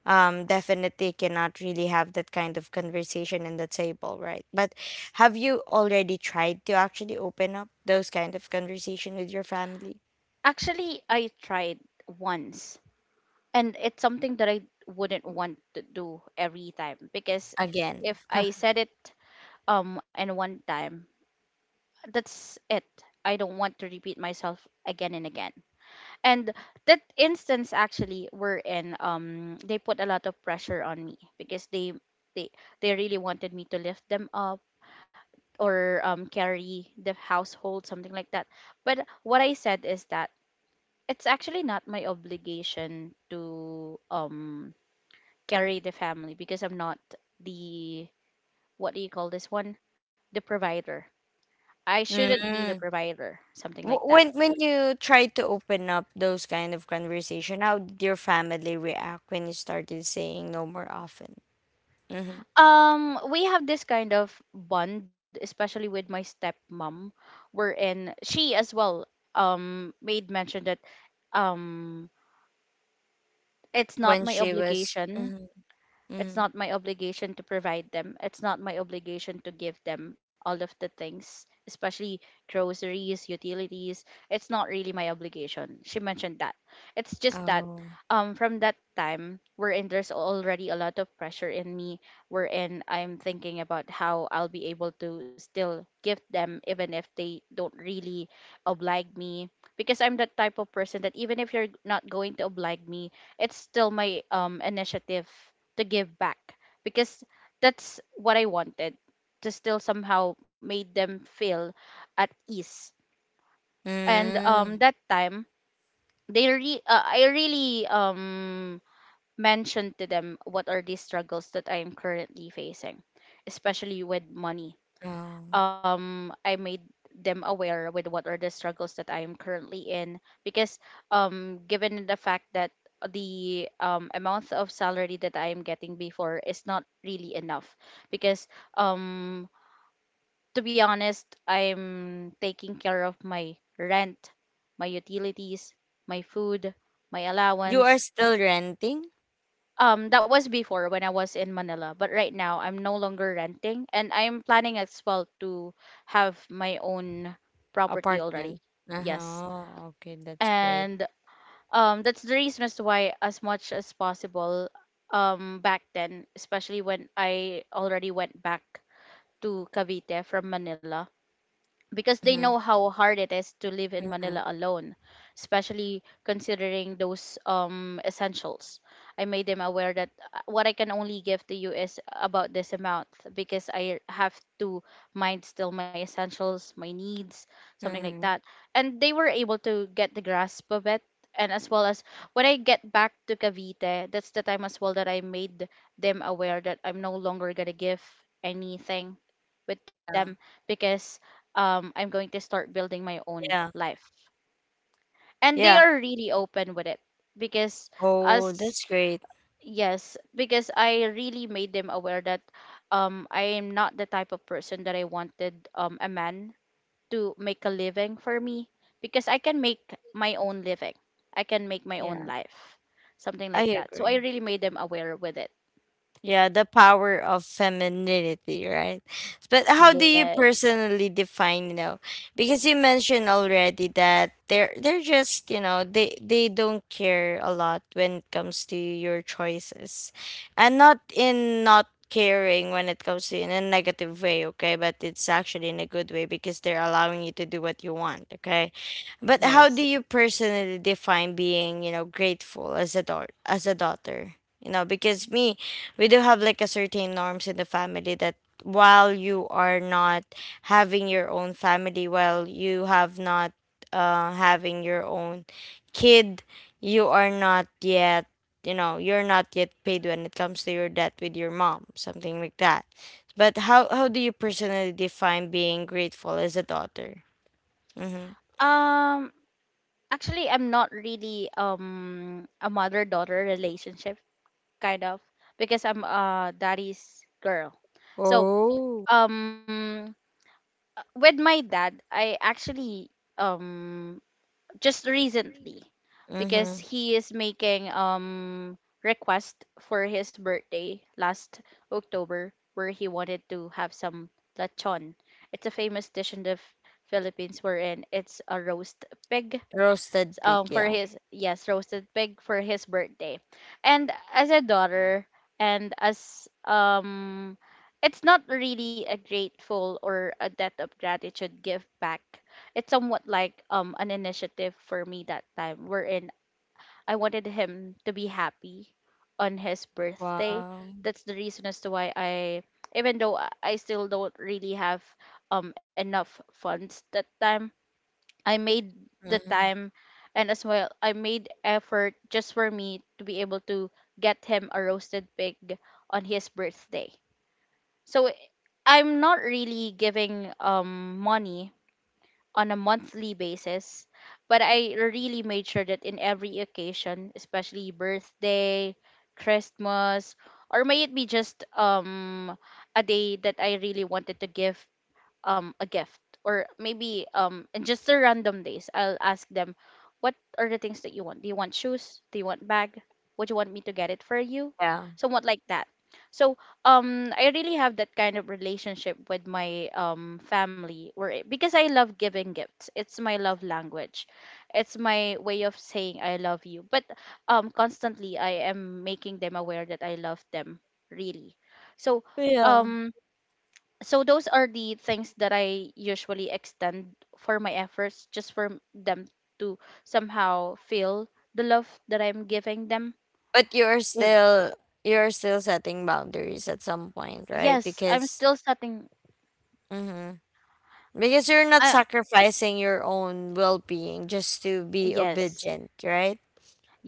[SPEAKER 1] um definitely cannot really have that kind of conversation in the table, right? But have you already tried to actually open up those kind of conversation with your family
[SPEAKER 2] actually I tried once, and it's something that I wouldn't want to do every time. Because
[SPEAKER 1] again?
[SPEAKER 2] if
[SPEAKER 1] [LAUGHS]
[SPEAKER 2] I said it um and one time, that's it. I don't want to repeat myself again and again. And that instance actually were in, um they put a lot of pressure on me, because they they they really wanted me to lift them up, or um carry the household, something like that. But what I said is that it's actually not my obligation to um carry the family, because I'm not the, what do you call this one, the provider. I shouldn't be the
[SPEAKER 1] Mm.
[SPEAKER 2] provider, something like
[SPEAKER 1] Wh-
[SPEAKER 2] that.
[SPEAKER 1] when when you tried to open up those kind of conversation, how did your family react when you started saying no more often? Hmm.
[SPEAKER 2] Um, we have this kind of bond, especially with my stepmom, wherein she as well um made mention that um it's not
[SPEAKER 1] When
[SPEAKER 2] my
[SPEAKER 1] she was,
[SPEAKER 2] obligation
[SPEAKER 1] mm.
[SPEAKER 2] it's
[SPEAKER 1] Mm.
[SPEAKER 2] not my obligation to provide them. It's not my obligation to give them all of the things, especially groceries, utilities. It's not really my obligation. She mentioned that. It's just that
[SPEAKER 1] Oh.
[SPEAKER 2] um from that time wherein there's already a lot of pressure in me, wherein I'm thinking about how I'll be able to still give them even if they don't really oblige me. Because I'm that type of person that even if you're not going to oblige me, it's still my um initiative to give back, because that's what I wanted, to still somehow made them feel at ease. And
[SPEAKER 1] Mm.
[SPEAKER 2] um, that time, they re- uh, I really um, mentioned to them what are the struggles that I am currently facing, especially with money.
[SPEAKER 1] Oh,
[SPEAKER 2] um I made them aware with what are the struggles that I am currently in, because um given the fact that the um, amount of salary that I am getting before is not really enough, because um to be honest I'm taking care of my rent, my utilities, my food, my
[SPEAKER 1] you are
[SPEAKER 2] allowance.
[SPEAKER 1] still renting?
[SPEAKER 2] Um that was before when I was in Manila, but right now I'm no longer renting, and I'm planning as well to have my own property already.
[SPEAKER 1] Apartment.
[SPEAKER 2] Yes.
[SPEAKER 1] Uh-huh. Okay, that's great.
[SPEAKER 2] And um that's the reason as to why, as much as possible, um back then, especially when I already went back to Cavite from Manila, because they
[SPEAKER 1] Mhm,
[SPEAKER 2] know how hard it is to live in
[SPEAKER 1] mhm,
[SPEAKER 2] Manila alone, especially considering those um essentials. I made them aware that, uh, what I can only give to you is about this amount, because I have to mind still my essentials, my needs, something like
[SPEAKER 1] mhm.
[SPEAKER 2] that. And they were able to get the grasp of it. And as well as when I get back to Cavite, that's the time as well that I made them aware that I'm no longer gonna give anything with
[SPEAKER 1] Yeah.
[SPEAKER 2] them, because um, I'm going to start building my own
[SPEAKER 1] Yeah.
[SPEAKER 2] life. And they
[SPEAKER 1] Yeah.
[SPEAKER 2] are really open with it, because
[SPEAKER 1] Oh, that's
[SPEAKER 2] us.
[SPEAKER 1] great.
[SPEAKER 2] Yes, because I really made them aware that um, I am not the type of person that I wanted um, a man to make a living for me, because I can make my own living. I can make my own
[SPEAKER 1] Yeah,
[SPEAKER 2] life. Something
[SPEAKER 1] I
[SPEAKER 2] like that. So I
[SPEAKER 1] agree.
[SPEAKER 2] really made them aware with it.
[SPEAKER 1] Yeah, the power of femininity, right? But how do you
[SPEAKER 2] Yes.
[SPEAKER 1] personally define, you know, because you mentioned already that they're they're just, you know, they they don't care a lot when it comes to your choices. And not in not caring when it comes to in a negative way, okay? But it's actually in a good way because they're allowing you to do what you want, okay? But how
[SPEAKER 2] Yes.
[SPEAKER 1] do you personally define being, you know, grateful as a daughter as a daughter? You know, because me, we do have like a certain norms in the family that while you are not having your own family, while you have not uh having your own kid, you are not yet, you know, you're not yet paid when it comes to your debt with your mom, something like that. But how how do you personally define being grateful as a daughter? Mm-hmm.
[SPEAKER 2] Um actually I'm not really um a mother daughter relationship kind of, because I'm a daddy's girl. So,
[SPEAKER 1] Oh.
[SPEAKER 2] um uh, with my dad, I actually um just recently,
[SPEAKER 1] Mm-hmm.
[SPEAKER 2] because he is making um request for his birthday last October, where he wanted to have some lechon. It's a famous dish in the F- Philippines, wherein it's a roast pig,
[SPEAKER 1] Roasted pig,
[SPEAKER 2] um for
[SPEAKER 1] yeah.
[SPEAKER 2] his, yes, roasted pig for his birthday. And as a daughter, and as um it's not really a grateful or a debt of gratitude give back, it's somewhat like um an initiative for me that time, wherein I wanted him to be happy on his birthday.
[SPEAKER 1] Wow.
[SPEAKER 2] That's the reason as to why I even though i I still don't really have um enough funds that time, I made the
[SPEAKER 1] Mm-hmm.
[SPEAKER 2] time, and as well I made effort just for me to be able to get him a roasted pig on his birthday. So, i- I'm not really giving um money on a monthly basis, but I really made sure that in every occasion, especially birthday, Christmas, or may it be just um a day that I really wanted to give um a gift, or maybe um in just the random days I'll ask them, what are the things that you want? Do you want shoes? Do you want bag? Would you want me to get it for you?
[SPEAKER 1] Yeah,
[SPEAKER 2] Somewhat like that. So um I really have that kind of relationship with my um family, where it, because I love giving gifts. It's my love language. It's my way of saying I love you. But um constantly I am making them aware that I love them really. So
[SPEAKER 1] yeah.
[SPEAKER 2] um so those are the things that I usually extend for my efforts just for m- them to somehow feel the love that I'm giving them.
[SPEAKER 1] But you're
[SPEAKER 2] If,
[SPEAKER 1] still you're still setting boundaries at some point, right?
[SPEAKER 2] Yes, I'm
[SPEAKER 1] Because
[SPEAKER 2] still setting.
[SPEAKER 1] hmm, because you're not
[SPEAKER 2] I
[SPEAKER 1] sacrificing your own well-being just to be
[SPEAKER 2] Yes.
[SPEAKER 1] obedient, right?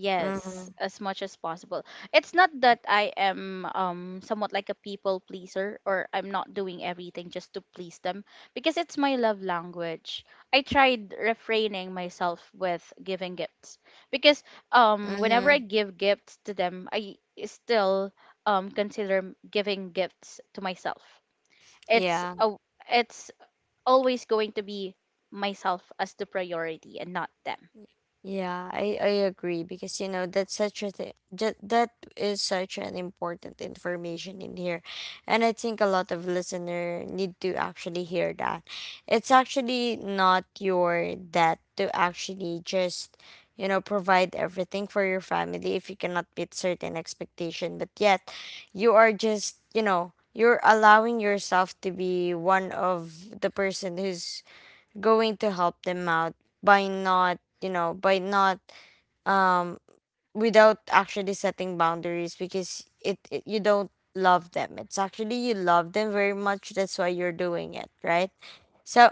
[SPEAKER 2] Yes,
[SPEAKER 1] Mm-hmm.
[SPEAKER 2] as much as possible. It's not that I am um somewhat like a people pleaser, or I'm not doing everything just to please them because it's my love language. I tried refraining myself with giving gifts because um whenever I
[SPEAKER 1] Mm-hmm.
[SPEAKER 2] give gifts to them, I still um consider giving gifts to myself. It's
[SPEAKER 1] Yeah.
[SPEAKER 2] a it's always going to be myself as the priority and not them.
[SPEAKER 1] Yeah, I, I agree because, you know, that's such a th- that, that is such an important information in here. And I think a lot of listener need to actually hear that. It's actually not your debt to actually just, you know, provide everything for your family if you cannot meet certain expectation, but yet you are just, you know, you're allowing yourself to be one of the person who's going to help them out by not, you know, by not um without actually setting boundaries because it, it you don't love them, it's actually you love them very much, that's why you're doing it, right? So,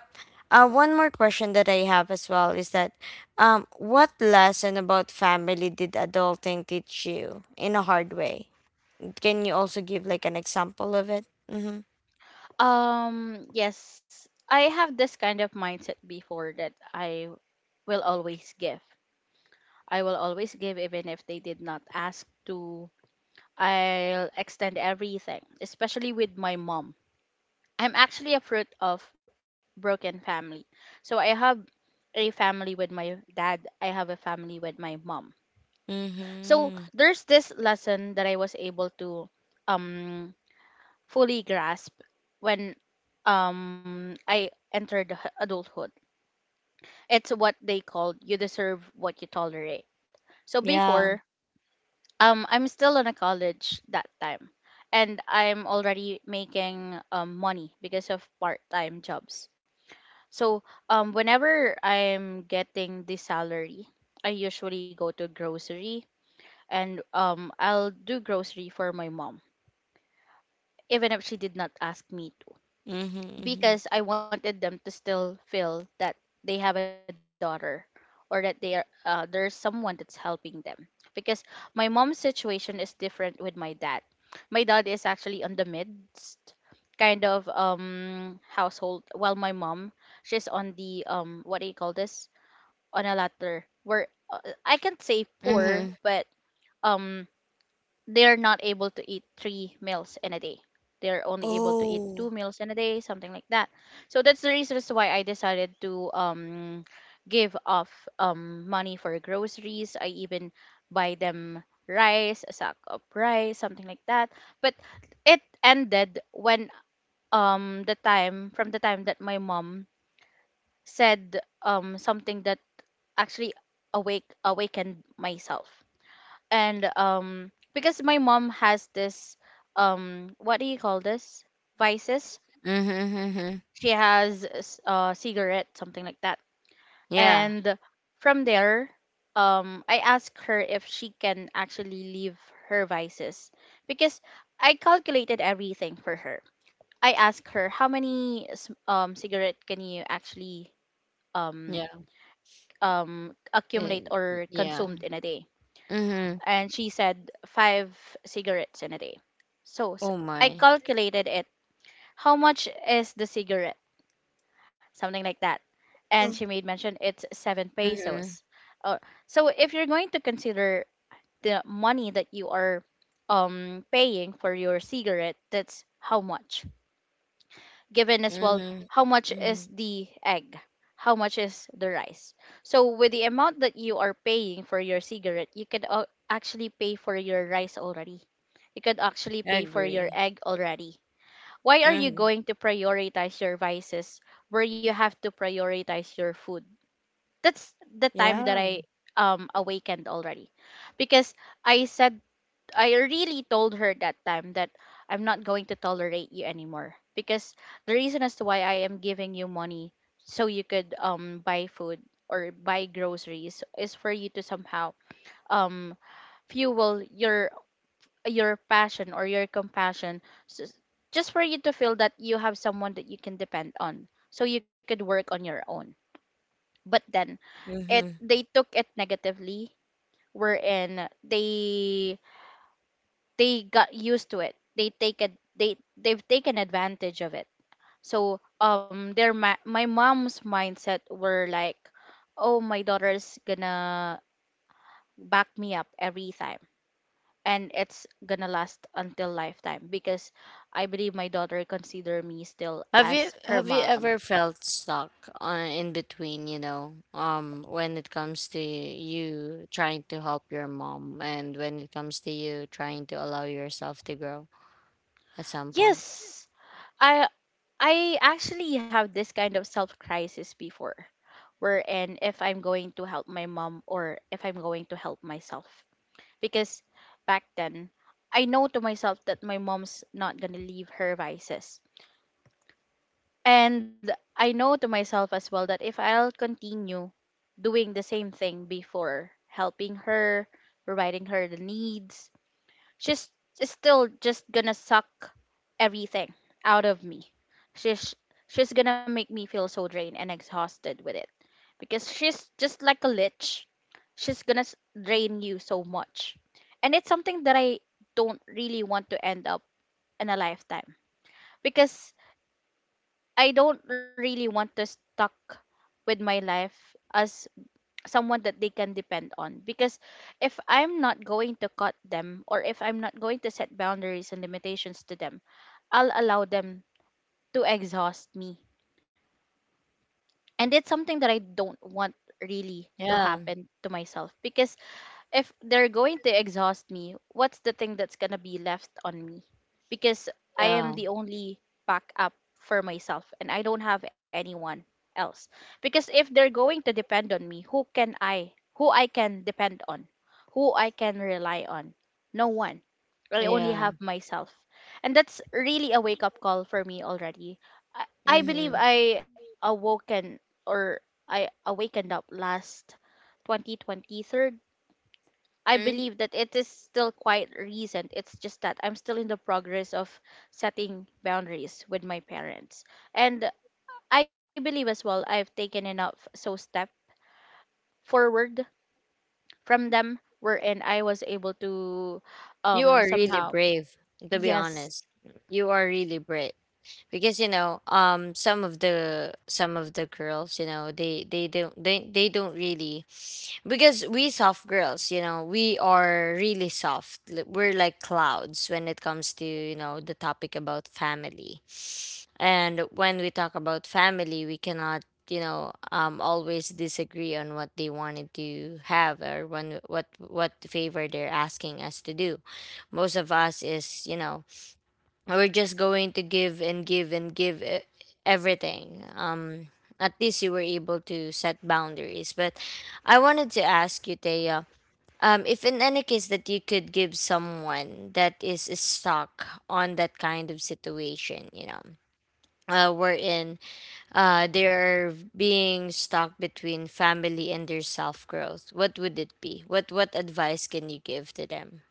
[SPEAKER 1] uh, one more question that I have as well is that, um what lesson about family did adulting teach you in a hard way? Can you also give like an example of it? Mm-hmm.
[SPEAKER 2] Um, yes, I have this kind of mindset before that I will always give. I will always give even if they did not ask to. I'll extend everything, especially with my mom. I'm actually a fruit of broken family. So I have a family with my dad, I have a family with my mom. So
[SPEAKER 1] Mm-hmm.
[SPEAKER 2] there's this lesson that I was able to um fully grasp when um I entered adulthood. It's what they called, you deserve what you tolerate. So
[SPEAKER 1] Yeah.
[SPEAKER 2] before, um, I'm still in a college that time, and I'm already making um money because of part-time jobs. So um, whenever I'm getting the salary, I usually go to grocery, and um, I'll do grocery for my mom, even if she did not ask me to.
[SPEAKER 1] Mm-hmm.
[SPEAKER 2] Because I wanted them to still feel that they have a daughter, or that they are uh, there's someone that's helping them. Because my mom's situation is different with my dad. My dad is actually on the midst kind of um household, while my mom, she's on the um what do you call this, on a ladder where uh, I can't say poor,
[SPEAKER 1] Mm-hmm.
[SPEAKER 2] but um they're not able to eat three meals in a day. They're only able to eat two
[SPEAKER 1] Oh.
[SPEAKER 2] meals in a day, something like that. So that's the reason as to why I decided to um give off um money for groceries. I even buy them rice, a sack of rice, something like that. But it ended when um the time from the time that my mom said um something that actually awake awakened myself. And um because my mom has this um what do you call this, vices.
[SPEAKER 1] Mhm, mhm.
[SPEAKER 2] She has s- uh cigarette, something like that.
[SPEAKER 1] Yeah,
[SPEAKER 2] And from there, um I asked her if she can actually leave her vices because I calculated everything for her. I asked her, how many s- um cigarette can you actually um
[SPEAKER 1] yeah,
[SPEAKER 2] um accumulate
[SPEAKER 1] eh,
[SPEAKER 2] or
[SPEAKER 1] yeah.
[SPEAKER 2] consumed in a day?
[SPEAKER 1] Mhm.
[SPEAKER 2] And she said five cigarettes in a day. So, s
[SPEAKER 1] Oh
[SPEAKER 2] I
[SPEAKER 1] my.
[SPEAKER 2] calculated it. How much is the cigarette? Something like that. And she
[SPEAKER 1] Mm.
[SPEAKER 2] made mention it's seven pesos.
[SPEAKER 1] Mhm,
[SPEAKER 2] Or so if you're going to consider the money that you are um paying for your cigarette, that's how much given as well.
[SPEAKER 1] mhm,
[SPEAKER 2] How much is
[SPEAKER 1] mhm.
[SPEAKER 2] the egg, how much is the rice? So with the amount that you are paying for your cigarette, you could uh, actually pay for your rice already, you could actually pay for your
[SPEAKER 1] Agree.
[SPEAKER 2] egg already. Why are you
[SPEAKER 1] Mhm.
[SPEAKER 2] going to prioritize your vices where you have to prioritize your food? That's the time that
[SPEAKER 1] Yeah.
[SPEAKER 2] i um awakened already, because I said, I really told her that time that I'm not going to tolerate you anymore, because the reason as to why I am giving you money so you could um buy food or buy groceries is for you to somehow um fuel your your passion or your compassion, s- s- just for you to feel that you have someone that you can depend on so you could work on your own. But then it
[SPEAKER 1] Mhm.
[SPEAKER 2] they took it negatively, wherein they they got used to it, they take it, they they've taken advantage of it. So um their my, my mom's mindset were like, oh, my daughter's gonna back me up every time, and it's gonna last until lifetime because I believe my daughter consider me still
[SPEAKER 1] Have you
[SPEAKER 2] as her
[SPEAKER 1] have you
[SPEAKER 2] mom.
[SPEAKER 1] ever felt stuck on in between, you know, um, when it comes to you trying to help your mom and when it comes to you trying to allow yourself to grow at some point?
[SPEAKER 2] Yes, i I actually have this kind of self crisis before, wherein if I'm going to help my mom or if I'm going to help myself, because back then I know to myself that my mom's not gonna leave her vices. And I know to myself as well that if I'll continue doing the same thing before, helping her, providing her the needs, she's is still just gonna suck everything out of me. She's she's gonna make me feel so drained and exhausted with it because she's just like a lich. She's gonna s- drain you so much. And it's something that I don't really want to end up in a lifetime, because I don't really want to stuck with my life as someone that they can depend on, because if I'm not going to cut them or if I'm not going to set boundaries and limitations to them, I'll allow them to exhaust me. And it's something that I don't want really to
[SPEAKER 1] Yeah,
[SPEAKER 2] happen to myself because if they're going to exhaust me, what's the thing that's gonna be left on me? Because I am
[SPEAKER 1] yeah,
[SPEAKER 2] the only backup for myself and I don't have anyone else. Because if they're going to depend on me, who can I who I can depend on? Who I can rely on? No one. I only
[SPEAKER 1] yeah.
[SPEAKER 2] have myself. And that's really a wake up call for me already. I, I believe I awoken or I awakened up last twenty twenty-three. I
[SPEAKER 1] Mhm.
[SPEAKER 2] believe that it is still quite recent. It's just that I'm still in the progress of setting boundaries with my parents. And I believe as well I've taken enough so step forward from them, wherein I was able to
[SPEAKER 1] You
[SPEAKER 2] um
[SPEAKER 1] are really
[SPEAKER 2] somehow
[SPEAKER 1] brave, to be honest.
[SPEAKER 2] yes.
[SPEAKER 1] You are really brave because you know, um, some of the some of the girls, you know, they they don't they they don't really because we soft girls, you know, we are really soft. Li- We're like clouds when it comes to you know the topic about family. And when we talk about family, we cannot, you know, um, always disagree on what they wanted to have or when what what favor they're asking us to do. Most of us is, you know, we're just going to give and give and give e- everything. Um, at least you were able to set boundaries. But I wanted to ask you, Taya, um, if in any case that you could give someone that is stuck on that kind of situation, you know, uh, wherein uh, they are being stuck between family and their self growth. What would it be? What what advice can you give to them?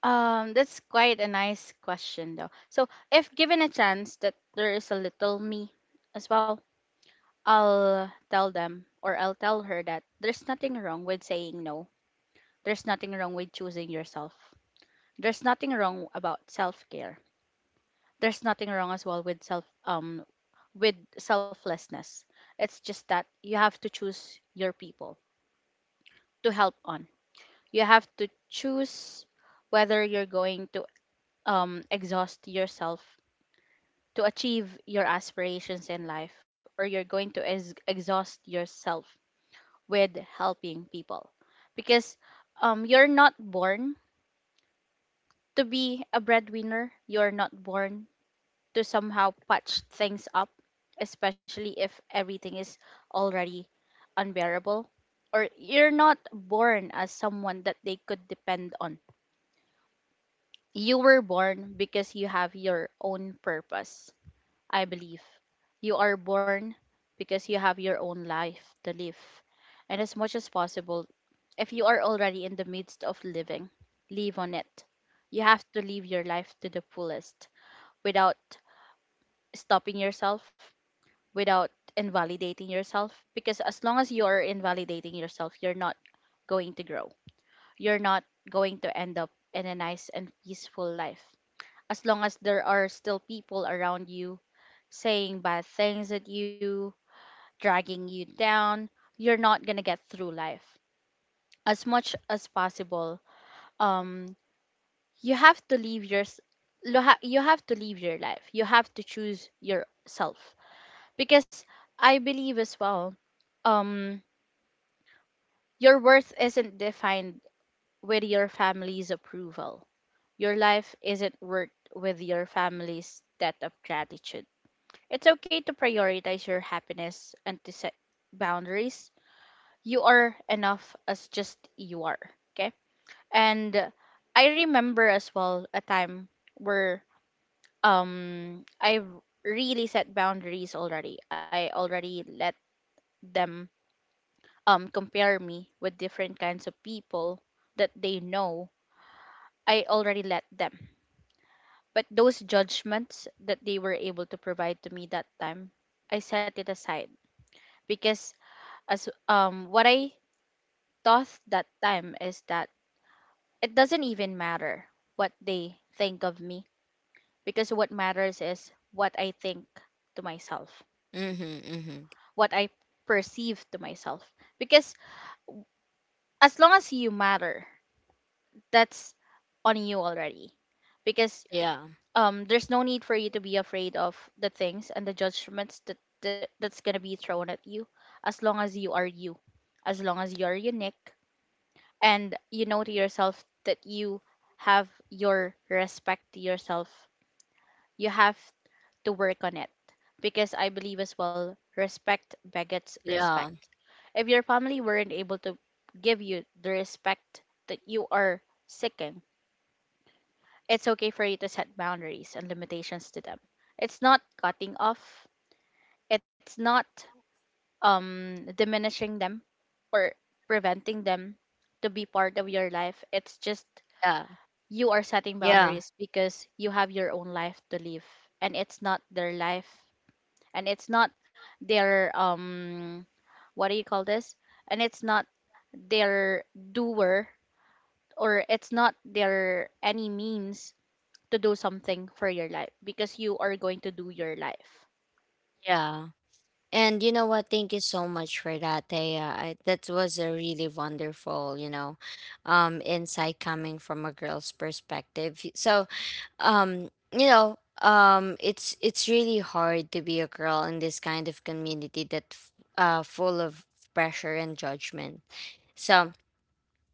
[SPEAKER 2] Um that's quite a nice question though. So if given a chance that there is a little me as well, I'll tell them or I'll tell her that there's nothing wrong with saying no. There's nothing wrong with choosing yourself. There's nothing wrong about self-care. There's nothing wrong as well with self um with selflessness. It's just that you have to choose your people to help on. You have to choose whether you're going to um exhaust yourself to achieve your aspirations in life, or you're going to ex- exhaust yourself with helping people, because um you're not born to be a breadwinner. You're not born to somehow patch things up, especially if everything is already unbearable. Or you're not born as someone that they could depend on. You were born because you have your own purpose, I believe. You are born because you have your own life to live. And as much as possible, if you are already in the midst of living, live on it. You have to live your life to the fullest without stopping yourself, without invalidating yourself, because as long as you're invalidating yourself, you're not going to grow, you're not going to end up in a nice and peaceful life as long as there are still people around you saying bad things at you, dragging you down. You're not going to get through life. As much as possible, um you have to live your s- lo- ha- you have to live your life, you have to choose yourself, because I believe as well, um your worth isn't defined with your family's approval. Your life isn't worth with your family's debt of gratitude. It's okay to prioritize your happiness and to set boundaries. You are enough as just you are. Okay? And uh, I remember as well a time where um I really set boundaries already. I already let them um compare me with different kinds of people that they know. I already let them. But those judgments that they were able to provide to me that time, I set it aside because as um what I thought that time is that it doesn't even matter what they think of me, because what matters is what I think to myself,
[SPEAKER 1] Mm-hmm, mm-hmm.
[SPEAKER 2] what I perceive to myself. Because as long as you matter, that's on you already. Because
[SPEAKER 1] Yeah,
[SPEAKER 2] um there's no need for you to be afraid of the things and the judgments that, that that's going to be thrown at you, as long as you are you, as long as you're unique and you know to yourself that you have your respect to yourself, you have to work on it, because I believe as well, respect begets
[SPEAKER 1] yeah,
[SPEAKER 2] respect. If your family weren't able to give you the respect that you are seeking, it's okay for you to set boundaries and limitations to them. It's not cutting off, it's not um diminishing them or preventing them to be part of your life. It's just
[SPEAKER 1] yeah,
[SPEAKER 2] you are setting
[SPEAKER 1] yeah,
[SPEAKER 2] boundaries because you have your own life to live, and it's not their life, and it's not their um what do you call this? And it's not their doer, or it's not their any means to do something for your life, because you are going to do your life.
[SPEAKER 1] yeah. And you know what? Thank you so much for that, Thea. I, that was a really wonderful, you know, um, insight coming from a girl's perspective. So um you know um it's it's really hard to be a girl in this kind of community that f- uh full of pressure and judgment, so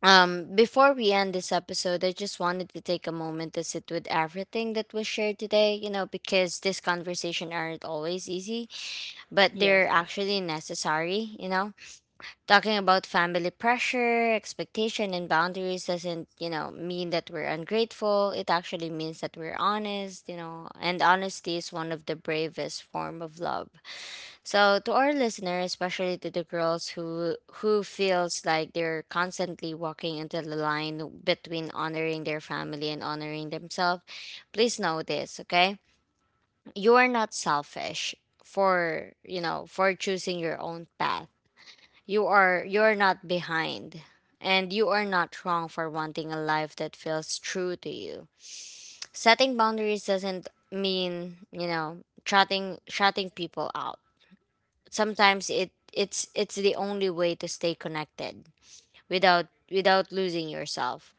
[SPEAKER 1] um before we end this episode, I just wanted to take a moment to sit with everything that was shared today, you know, because this conversation aren't always easy, but
[SPEAKER 2] Yes.
[SPEAKER 1] they're actually necessary, you know. Talking about family pressure, expectation, and boundaries doesn't, you know, mean that we're ungrateful. It actually means that we're honest, you know, and honesty is one of the bravest form of love. So to our listener, especially to the girls who who feels like they're constantly walking into the line between honoring their family and honoring themselves, please know this, okay? You are not selfish for, you know, for choosing your own path. You are you are not behind, and you are not wrong for wanting a life that feels true to you. Setting boundaries doesn't mean, you know, shutting shutting people out. Sometimes it it's it's the only way to stay connected without without losing yourself.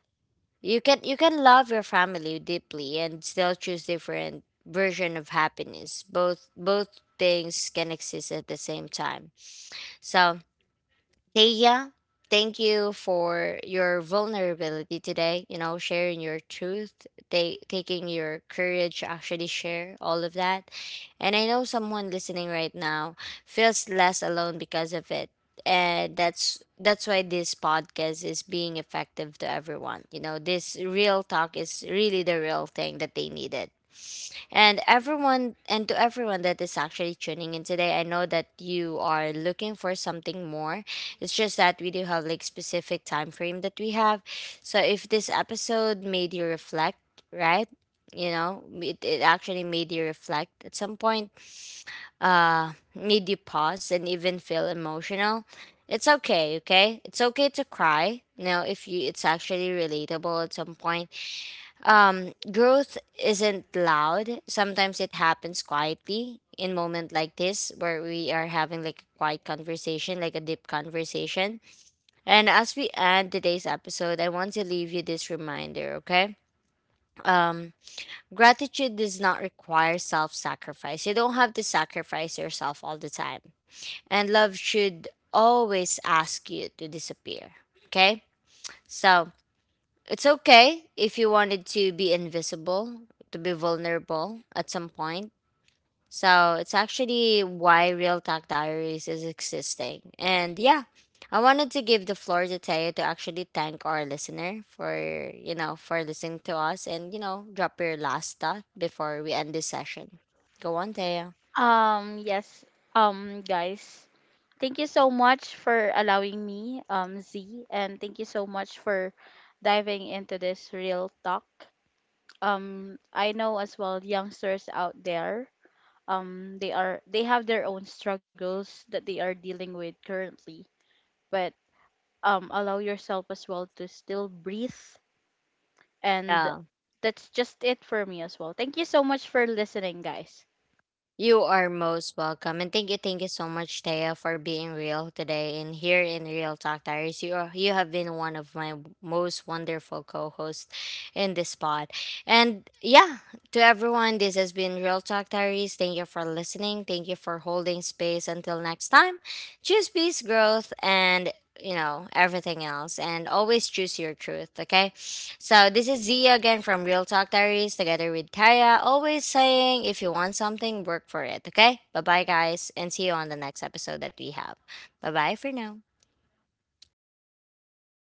[SPEAKER 1] You can you can love your family deeply and still choose different version of happiness. Both both things can exist at the same time. So Taya, thank you for your vulnerability today, you know, sharing your truth, ta- taking your courage to actually share all of that. And I know someone listening right now feels less alone because of it. And that's that's why this podcast is being effective to everyone. You know, this real talk is really the real thing that they needed. And everyone, and to everyone that is actually tuning in today, I know that you are looking for something more. It's just that we do have like specific time frame that we have. So if this episode made you reflect, right? You know, it, it actually made you reflect at some point, uh, made you pause and even feel emotional. It's okay, okay? It's okay to cry. You know, if you it's actually relatable at some point. Um, growth isn't loud. Sometimes it happens quietly in moment like this where we are having like a quiet conversation, like a deep conversation. And as we end today's episode, I want to leave you this reminder, okay? Um, gratitude does not require self sacrifice. You don't have to sacrifice yourself all the time. And love should always ask you to disappear, okay? So it's okay if you wanted to be invisible, to be vulnerable at some point. So it's actually why Real Talk Diaries is existing. And yeah, I wanted to give the floor to Teo to actually thank our listener for, you know, for listening to us and, you know, drop your last thought before we end this session. Go on, Teo.
[SPEAKER 2] Um, yes. Um, guys, thank you so much for allowing me, um, Z, and thank you so much for diving into this real talk. Um, I know as well youngsters out there, um, they are they have their own struggles that they are dealing with currently, but um, allow yourself as well to still breathe. And
[SPEAKER 1] Yeah.
[SPEAKER 2] that's just it for me as well. Thank you so much for listening, guys.
[SPEAKER 1] You are most welcome. And thank you, thank you so much, Taya, for being real today. And here in Real Talk Diaries, you are, you have been one of my most wonderful co-hosts in this pod. And yeah, to everyone, this has been Real Talk Diaries. Thank you for listening. Thank you for holding space. Until next time, choose peace, growth, and you know everything else, and always choose your truth, okay? So this is Zia again from Real Talk Diaries, together with Taya, always saying, if you want something, work for it. Okay, bye bye guys, and see you on the next episode that we have. Bye bye for now.